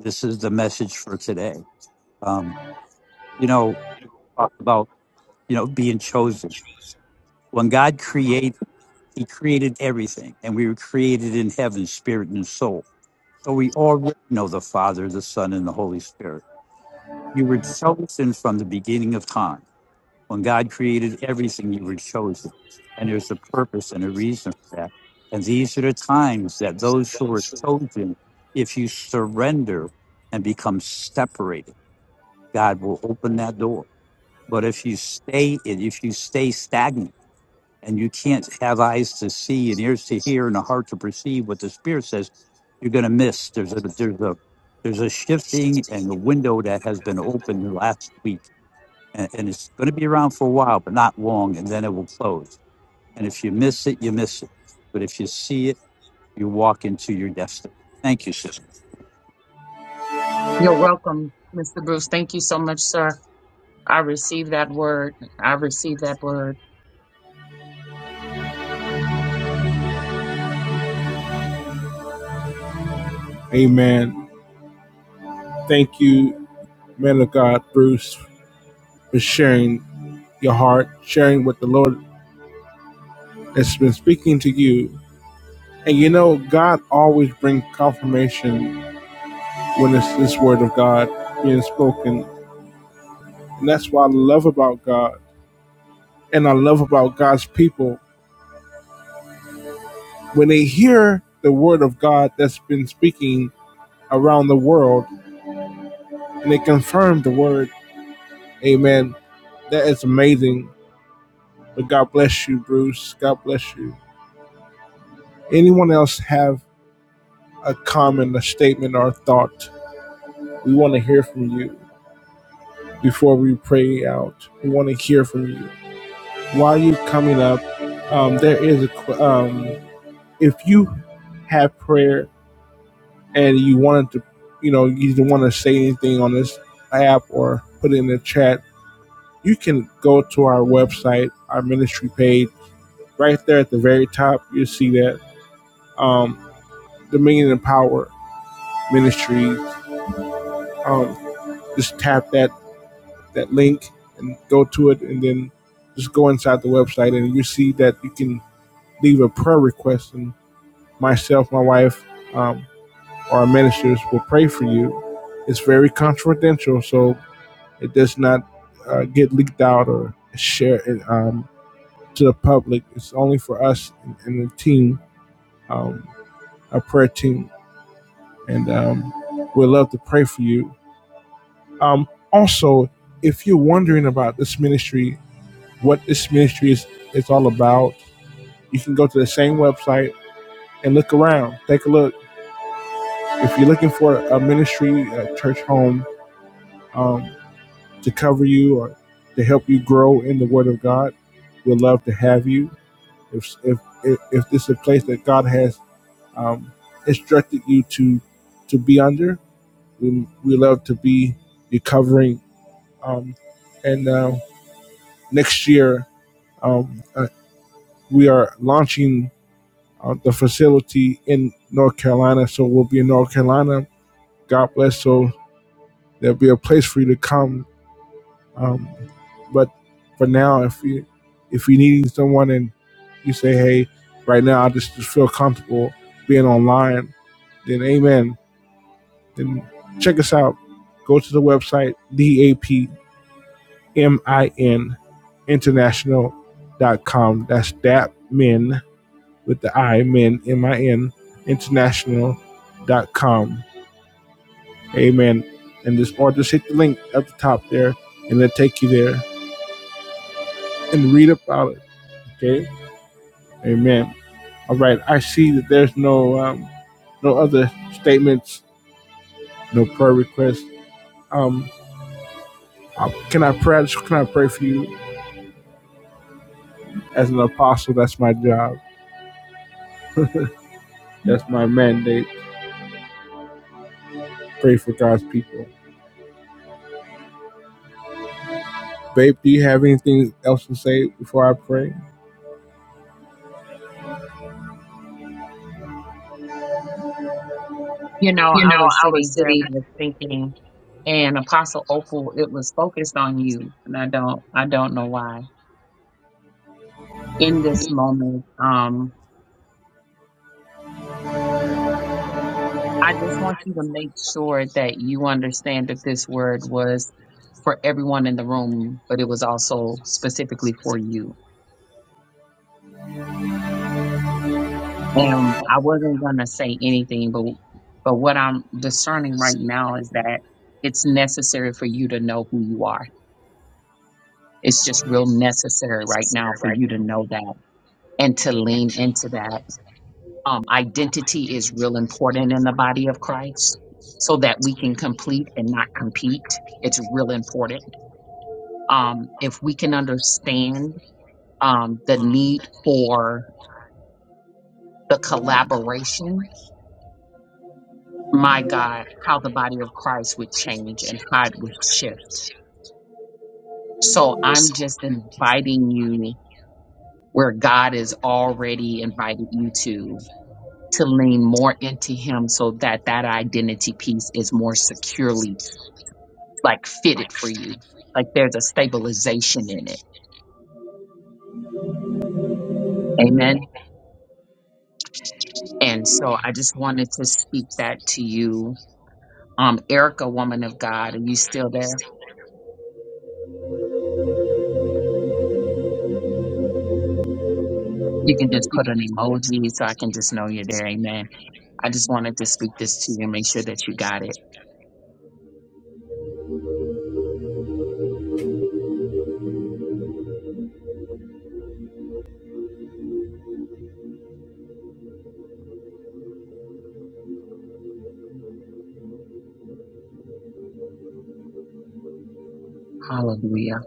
This is the message for today. Um, you know, talk about you know being chosen. When God created, He created everything, and we were created in heaven, spirit and soul. So we already know the Father, the Son, and the Holy Spirit. You were chosen from the beginning of time When God created everything, you were chosen. And there's a purpose and a reason for that. And these are the times that those who are chosen, if you surrender and become separated, God will open that door. But if you stay in, if you stay stagnant and you can't have eyes to see and ears to hear and a heart to perceive what the Spirit says, you're gonna miss. There's a there's a there's a shifting and a window that has been opened last week and, and it's going to be around for a while, but not long, and then it will close. And if you miss it, you miss it. But if you see it, you walk into your destiny. Thank you, sister. You're welcome, Mr. Bruce. Thank you so much, sir. I received that word. I received that word. Amen. Thank you, man of God, Bruce, for sharing your heart, sharing what the Lord has been speaking to you. And you know, God always brings confirmation when it's this word of God being spoken. And that's what I love about God. And I love about God's people when they hear the word of God that's been speaking around the world and they confirm the word, amen. That is amazing. But God bless you, Bruce. God bless you. Anyone else have a comment, a statement, or a thought? We want to hear from you before we pray out. We want to hear from you. While you're coming up, um, there is a um, if you have prayer and you wanted to, you know, you didn't want to say anything on this app or put it in the chat, you can go to our website, our ministry page. Right there at the very top, you'll see that um, Dominion and Power Ministries. Um, just tap that that link and go to it, and then just go inside the website, and you see that you can leave a prayer request, and myself, my wife, um, or our ministers will pray for you. It's very confidential, so It does not uh, get leaked out or shared um, to the public. It's only for us and, the team, um, our prayer team, and um, we'd love to pray for you. Um, also, if you're wondering about this ministry, what this ministry is, is all about, you can go to the same website and look around. Take a look. If you're looking for a ministry, a church home um, to cover you or to help you grow in the Word of God, we'd love to have you If if if, if this is a place that God has um, instructed you to to be under, we we love to be your covering. Um, and uh, next year um, uh, we are launching uh, the facility in North Carolina, so we'll be in North Carolina. God bless. So there'll be a place for you to come Um, but for now, if you if you're needing someone and you say, hey, right now I just, just feel comfortable being online, then amen. Then check us out. Go to the website, D-A-P-M-I-N International dot com. That's DAP men with the I, men, M-I-N, M I N, International dot com. Amen. And just, or just hit the link at the top there and it'll take you there and read about it. Okay. Amen. All right. I see that there's no um, no other statements, no prayer requests. Um, uh, can I pray? Can I pray for you as an apostle? That's my job. That's my mandate. Pray for God's people. Babe, do you have anything else to say before I pray? You know, I was sitting here and I was thinking, and Apostle Opal, it was focused on you. And I don't I don't know why. In this moment. um. I just want you to make sure that you understand that this word was for everyone in the room, but it was also specifically for you. And I wasn't going to say anything, but but what I'm discerning right now is that it's necessary for you to know who you are. It's just real necessary right now for you to know that and to lean into that. Um, identity is real important in the body of Christ so that we can complete and not compete. It's real important um, if we can understand um, the need for the collaboration, my God, how the body of Christ would change and how it would shift. So I'm just inviting you where God has already invited you to to lean more into him so that that identity piece is more securely like fitted for you like there's a stabilization in it amen and so i just wanted to speak that to you Um, Erica, woman of God, are you still there? You can just put an emoji so I can just know you're there. Amen. I just wanted to speak this to you and make sure that you got it. Hallelujah.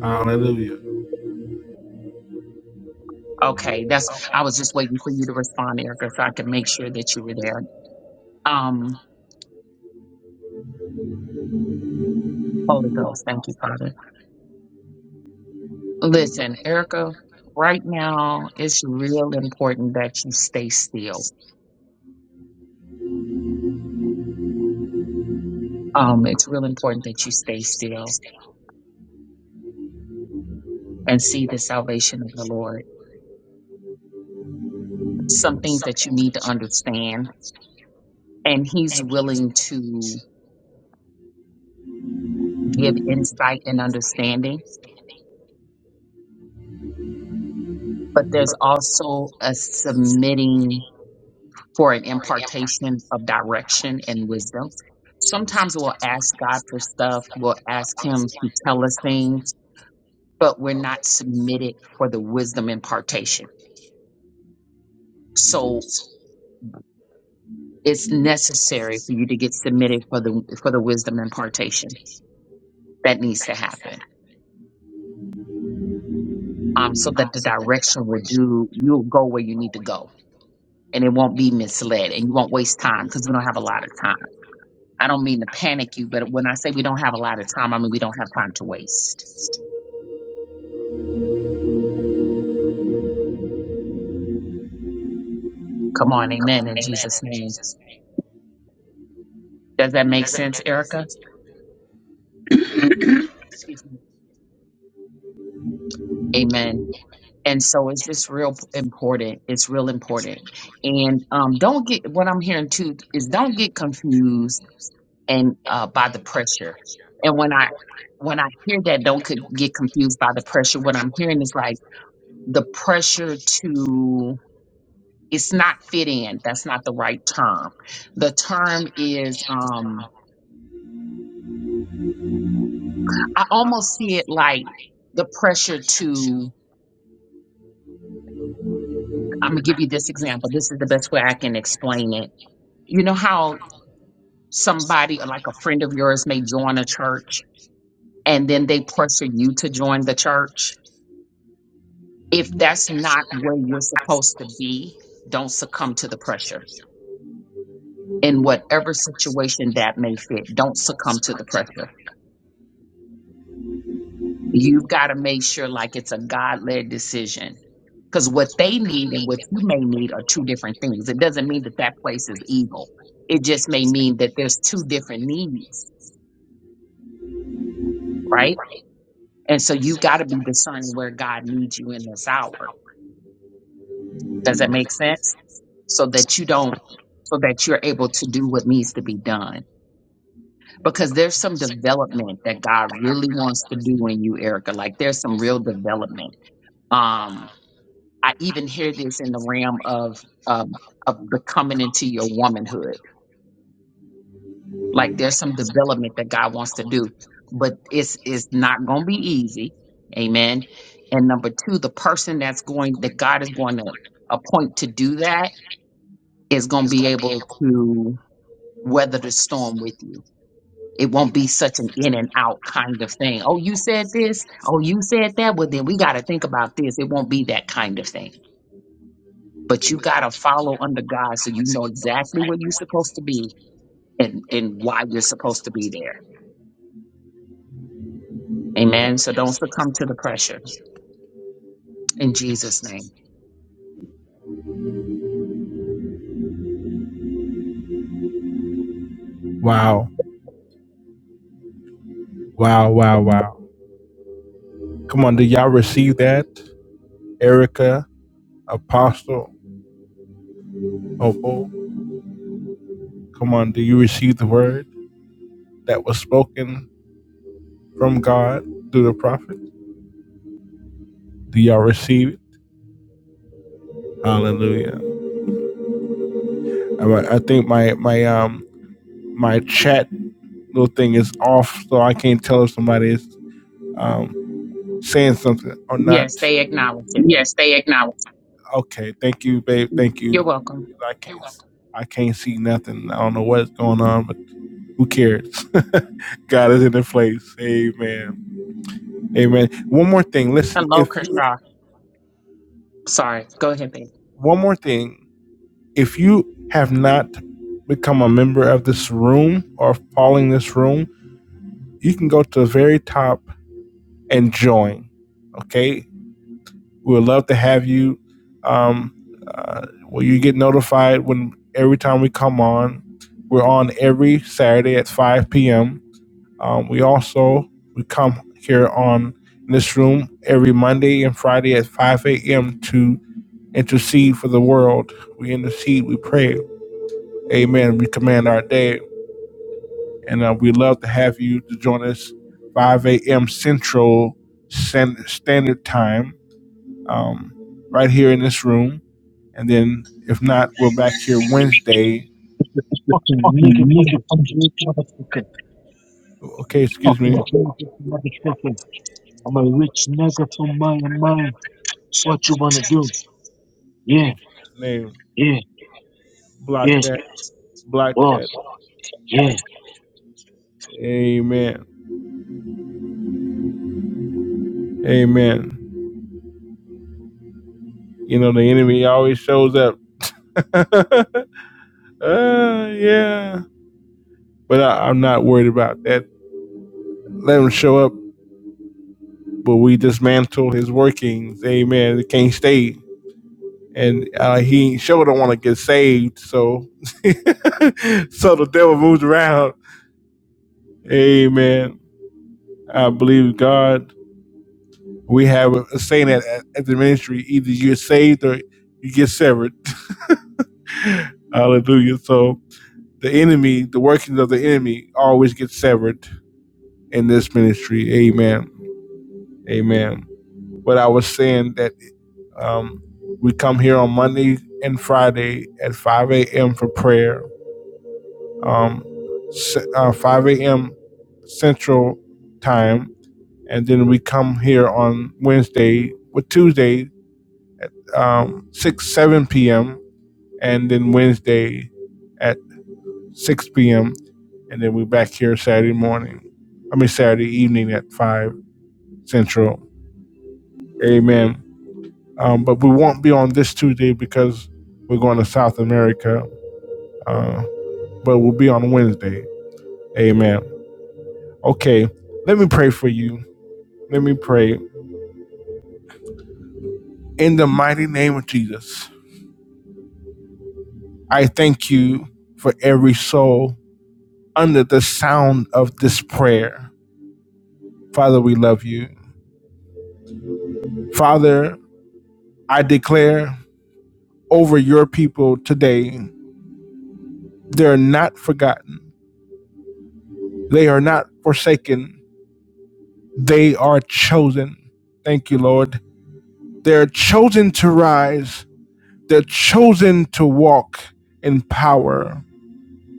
Hallelujah. Okay, that's I was just waiting for you to respond, Erica, so I could make sure that you were there. Um, Holy Ghost, thank you, Father. Listen, Erica, right now it's real important that you stay still. Um, it's real important that you stay still and see the salvation of the Lord. Some things that you need to understand and he's willing to give insight and understanding. But there's also a submitting for an impartation of direction and wisdom. Sometimes we'll ask God for stuff, we'll ask Him to tell us things, but we're not submitted for the wisdom impartation. So it's necessary for you to get submitted for the for the wisdom impartation that needs to happen. Um, so that the direction will do you'll go where you need to go and it won't be misled and you won't waste time because we don't have a lot of time. I don't mean to panic you, but when I say we don't have a lot of time, I mean we don't have time to waste. Come on, amen, in Jesus' name. Does that make sense, Erica? (coughs) (clears throat) Excuse me. Amen. And so it's just real p- important. It's real important. And um, don't get what I'm hearing too is don't get confused and uh, by the pressure. And when I when I hear that, don't c- get confused by the pressure. What I'm hearing is like the pressure to it's not fit in that's not the right term the term is um i almost see it like the pressure to i'm gonna give you this example this is the best way i can explain it you know how somebody like a friend of yours may join a church and then they pressure you to join the church if that's not where you're supposed to be don't succumb to the pressure in whatever situation that may fit don't succumb to the pressure You've got to make sure like it's a God led decision because what they need and what you may need are two different things. It doesn't mean that that place is evil. It just may mean that there's two different needs, right? And so you got to be discerning where God needs you in this hour. Does that make sense? So that you don't, so that you're able to do what needs to be done. Because there's some development that God really wants to do in you, Erica. Like there's some real development. Um, I even hear this in the realm of um, of becoming into your womanhood. Like there's some development that God wants to do, but it's it's not going to be easy. Amen. And number two, the person that's going that God is going to appoint to do that is going to be able to weather the storm with you. It won't be such an in and out kind of thing. Oh, you said this. Oh, you said that. Well, then we got to think about this. It won't be that kind of thing but you got to follow under God so you know exactly where you're supposed to be and, and why you're supposed to be there. Amen. So don't succumb to the pressure in Jesus' name. Wow. Wow. Wow. Wow. Come on. Do y'all receive that? Erica, Apostle, Opal. Come on. Do you receive the word that was spoken from God through the prophet? Do y'all receive? Hallelujah. right, I think my my um my chat little thing is off, so I can't tell if somebody is um saying something or not. Yes, they acknowledge it. Okay, thank you, babe. Thank You're you. welcome. I can't I can't see nothing. I don't know what's going on, but who cares? (laughs) God is in the place. Amen. Amen. One more thing. Listen, Hello, if you Kershaw. Sorry. Go ahead, babe. one more thing, if you have not become a member of this room or following this room, you can go to the very top and join. Okay, we would love to have you. Um, uh, will you get notified when every time we come on? We're on every Saturday at 5 p.m. Um, we also we come here on in this room every Monday and Friday at 5 a.m. to intercede for the world. We intercede, we pray. Amen. We command our day and uh, we love to have you to join us 5 a.m. Central Standard Time, um, right here in this room. And then, if not, we're back here Wednesday. This fucking nigga from the street, motherfucker. Okay, excuse Fucking me. Jesus, motherfucker. I'm a rich nigga from my mind. So what you wanna do? Yeah, name, yeah, block yes, that, block boss. that. Amen, amen. You know the enemy always shows up. (laughs) uh, yeah, but I, I'm not worried about that. Let him show up. but we dismantle his workings. Amen. It can't stay. And uh, he sure don't want to get saved, so (laughs) so the devil moves around. Amen. I believe God. We have a saying at, at the ministry: either you are saved or you get severed. (laughs) Hallelujah. So the enemy, the workings of the enemy, always get severed in this ministry. Amen. Amen. But I was saying that. Um, we come here on Monday and Friday at 5 a.m. for prayer, um, s- uh, 5 a.m. Central Time. And then we come here on Wednesday, with Tuesday, um, 6, 7 p.m. And then Wednesday at 6 p.m. And then we're back here Saturday morning. I mean, Saturday evening at 5 Central. Amen. Um, but we won't be on this Tuesday because we're going to South America Uh, but we'll be on Wednesday. Amen. Okay, let me pray for you. Let me pray. In the mighty name of Jesus, I thank you for every soul under the sound of this prayer. Father, we love you. Father, I declare over your people today, they're not forgotten, they are not forsaken, they are chosen. Thank you, Lord. They're chosen to rise They're chosen to walk in power.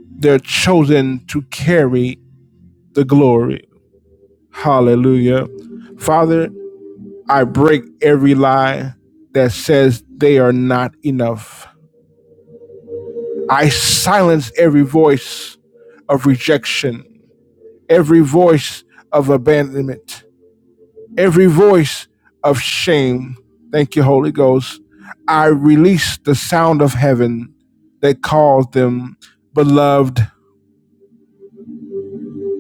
They're chosen to carry the glory. Hallelujah. Father, I break every lie that says they are not enough. I silence every voice of rejection, every voice of abandonment, every voice of shame. Thank you, Holy Ghost. I release the sound of heaven that calls them beloved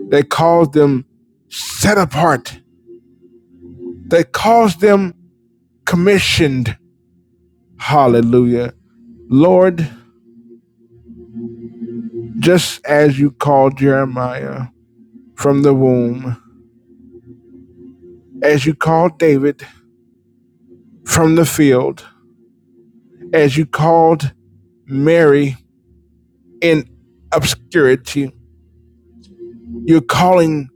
that calls them set apart, that calls them commissioned. Hallelujah. Lord, just as you called Jeremiah from the womb, as you called David from the field, as you called Mary in obscurity, you're calling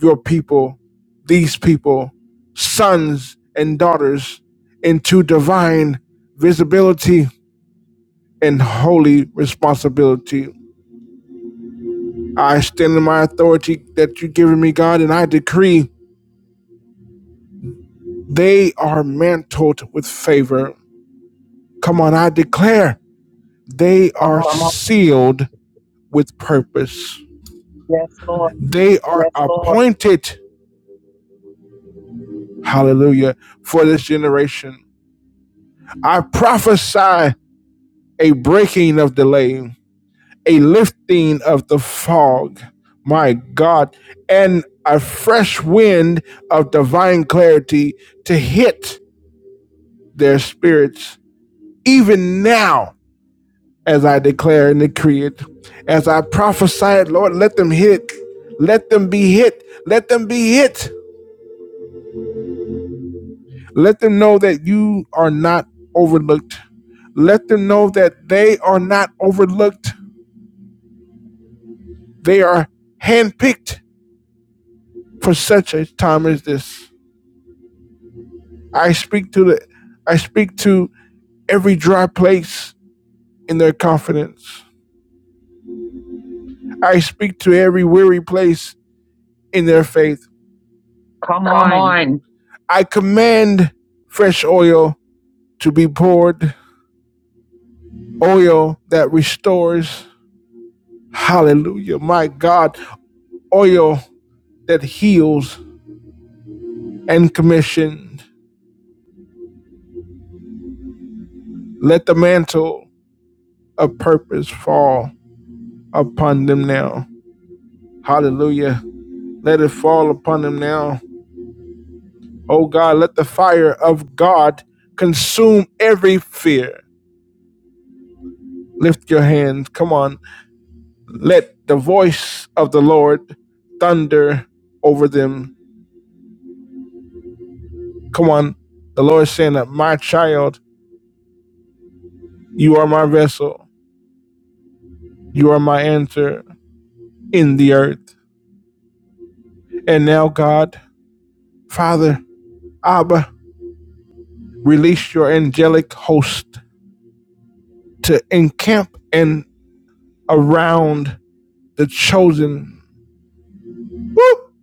your people, these people, sons and daughters into divine visibility and holy responsibility. I stand in my authority that you've given me, God, and I decree they are mantled with favor. Come on, I declare they Come are on. sealed with purpose. Yes, Lord. They are Yes, appointed, hallelujah, for this generation. I prophesy a breaking of delay, a lifting of the fog, my God, and a fresh wind of divine clarity to hit their spirits even now, as I declare and decree it, as I prophesied, Lord, let them hit. Let them be hit. Let them be hit. Let them know that you are not overlooked. Let them know that they are not overlooked. They are handpicked for such a time as this. I speak to the I speak to every dry place in their confidence. I speak to every weary place in their faith. Come on. I command fresh oil to be poured, oil that restores. Hallelujah. My God, oil that heals and commissioned. Let the mantle of purpose fall upon them now. Hallelujah. Let it fall upon them now. Oh God, let the fire of God consume every fear. Lift your hands. Come on. Let the voice of the Lord thunder over them Come on. The Lord is saying that my child, you are my vessel, you are my enter in the earth. And now, God, Father, Abba, release your angelic host to encamp and around the chosen. Woo!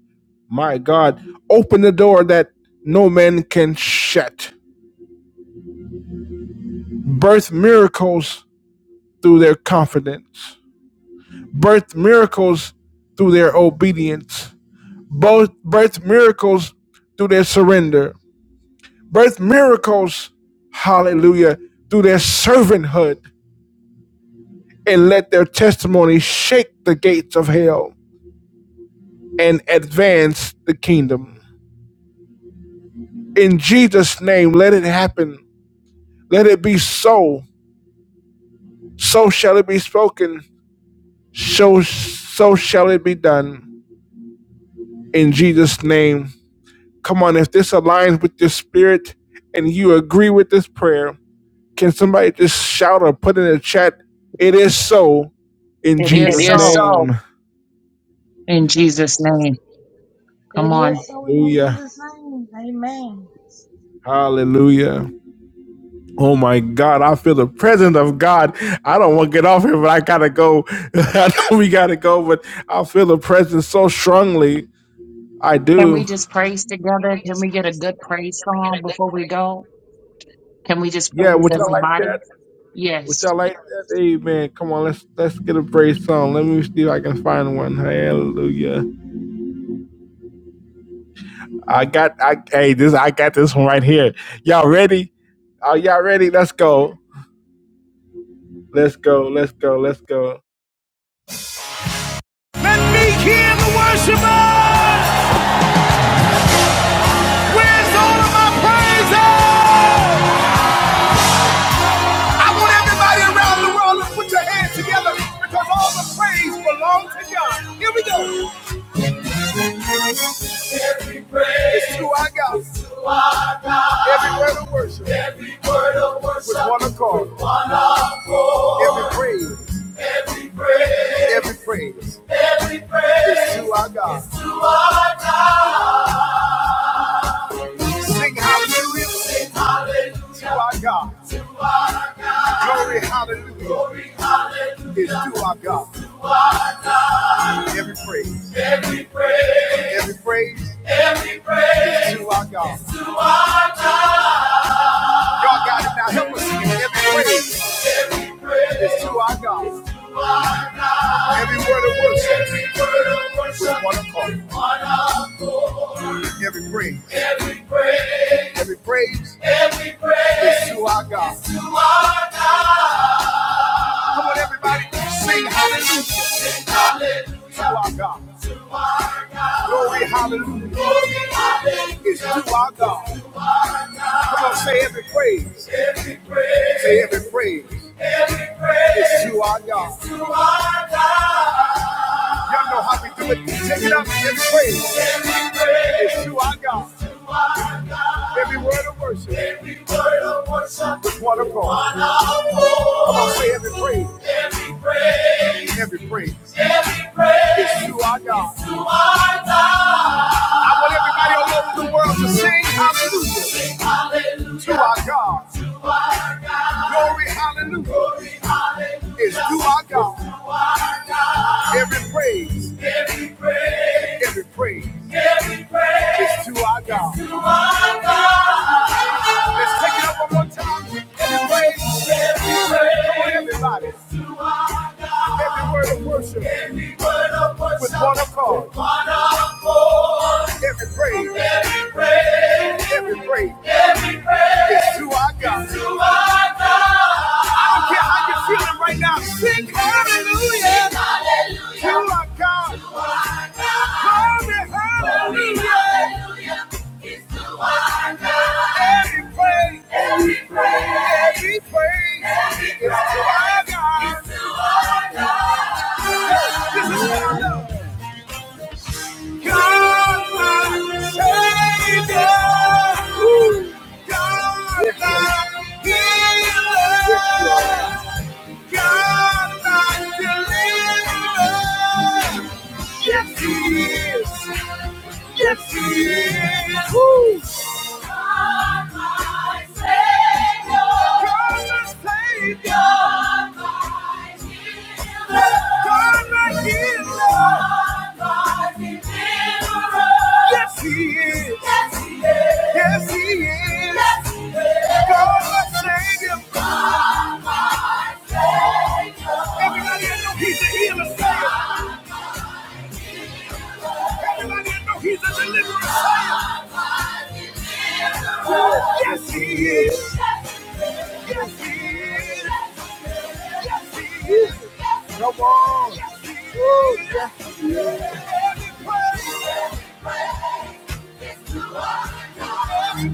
My God, open the door that no man can shut. Birth miracles through their confidence, birth miracles through their obedience both birth miracles through their surrender, birth miracles, hallelujah, through their servanthood, and let their testimony shake the gates of hell and advance the kingdom. In Jesus' name, let it happen. Let it be so. So shall it be spoken. So so shall it be done. In Jesus' name. Come on, if this aligns with your spirit and you agree with this prayer, Can somebody just shout or put in the chat, it is so in It It Jesus' name. is It is so so. name? in Jesus' name. Come It on. is so in Hallelujah. Jesus' name. Amen. Hallelujah. Oh my God, I feel the presence of God. I don't want to get off here, but I gotta go. (laughs) I know we gotta go, but I feel the presence so strongly. I Can we do. just praise together? Can we get a good praise song before we go? Can we just Yeah, praise would as y'all a like body? that? Would Yes. y'all like that? Amen. Come on, let's let's get a praise song. Let me see if I can find one. Hallelujah. I got I hey this I got this one right here. Y'all ready? Are y'all ready? Let's go. Let's go. Let's go. Let's go. Let me hear the worshiper. Where's all of my praise? I want everybody around the world to put your hands together because all the praise belongs to God. Here we go. It's true, I got every word of worship with one accord. Every praise, every praise is to our God. Sing hallelujah to our God. Glory, hallelujah, is to our God. Every praise, every praise is to our God. Y'all got it now. Help us sing it. Every praise is to our God. Every word of worship with one accord. Every praise, every praise is to our God. Come on, everybody, sing hallelujah to our God. Glory, hallelujah is to our God. Come on, say every praise. Say every praise is to our God. Y'all know how we do it. Take it up and praise. It's to our God. Every word of worship is one of God. I Come to say every praise. Every praise is to our God. I want everybody all over the world to sing hallelujah to our God. Glory, hallelujah is to our God. Every praise. Every praise, every praise is to our God. Let's take it up one more time. Every praise, every praise. Come on, everybody. Every word of worship. Every word of worship. With one accord. With one accord. Every praise. Every praise. Every praise. It's to our God. It's to our God. I don't care how you're feeling right now. Sing hallelujah. To our God. To our God. Glory, hallelujah. Every praise, every praise, every praise, every praise is to our to God. God. my Savior. God, my healer. God, my deliverer. Yes, He is. Yes, he is. Yes, he is. God, my Savior. Everybody I know he's a healer, say it. Everybody I know he's a deliverer, say it. Yes, he is. Yes, he is. Yes, he is. Come on. Woo, yes, he is. Every praise, every praise, every worship. Every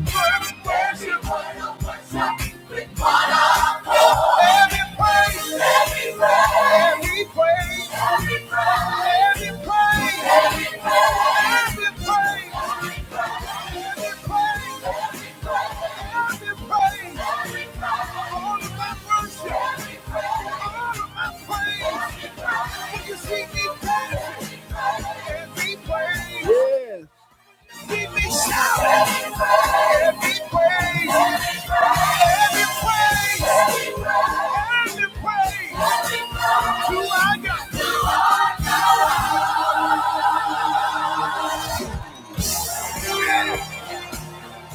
praise, every praise, every praise. Every praise, every praise, every praise, every praise, all of my worship, all of my praise. When you see me dancing, every praise. Yes. See me shouting, every praise, every praise, every praise. To our God.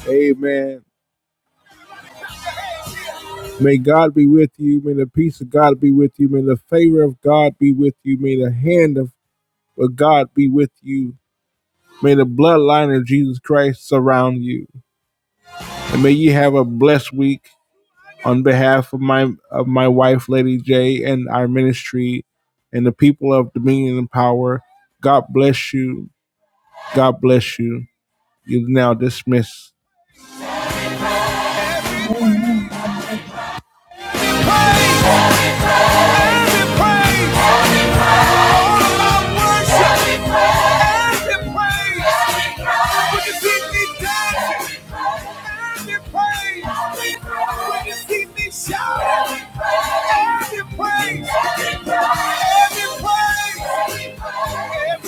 Amen. May God be with you. May the peace of God be with you. May the favor of God be with you. May the hand of God be with you. May the bloodline of Jesus Christ surround you. And may you have a blessed week on behalf of my of my wife, Lady J, and our ministry and the people of Dominion and Power. God bless you. God bless you. You now dismissed. Amen. God bless you. Every praise, every praise, every praise, every praise.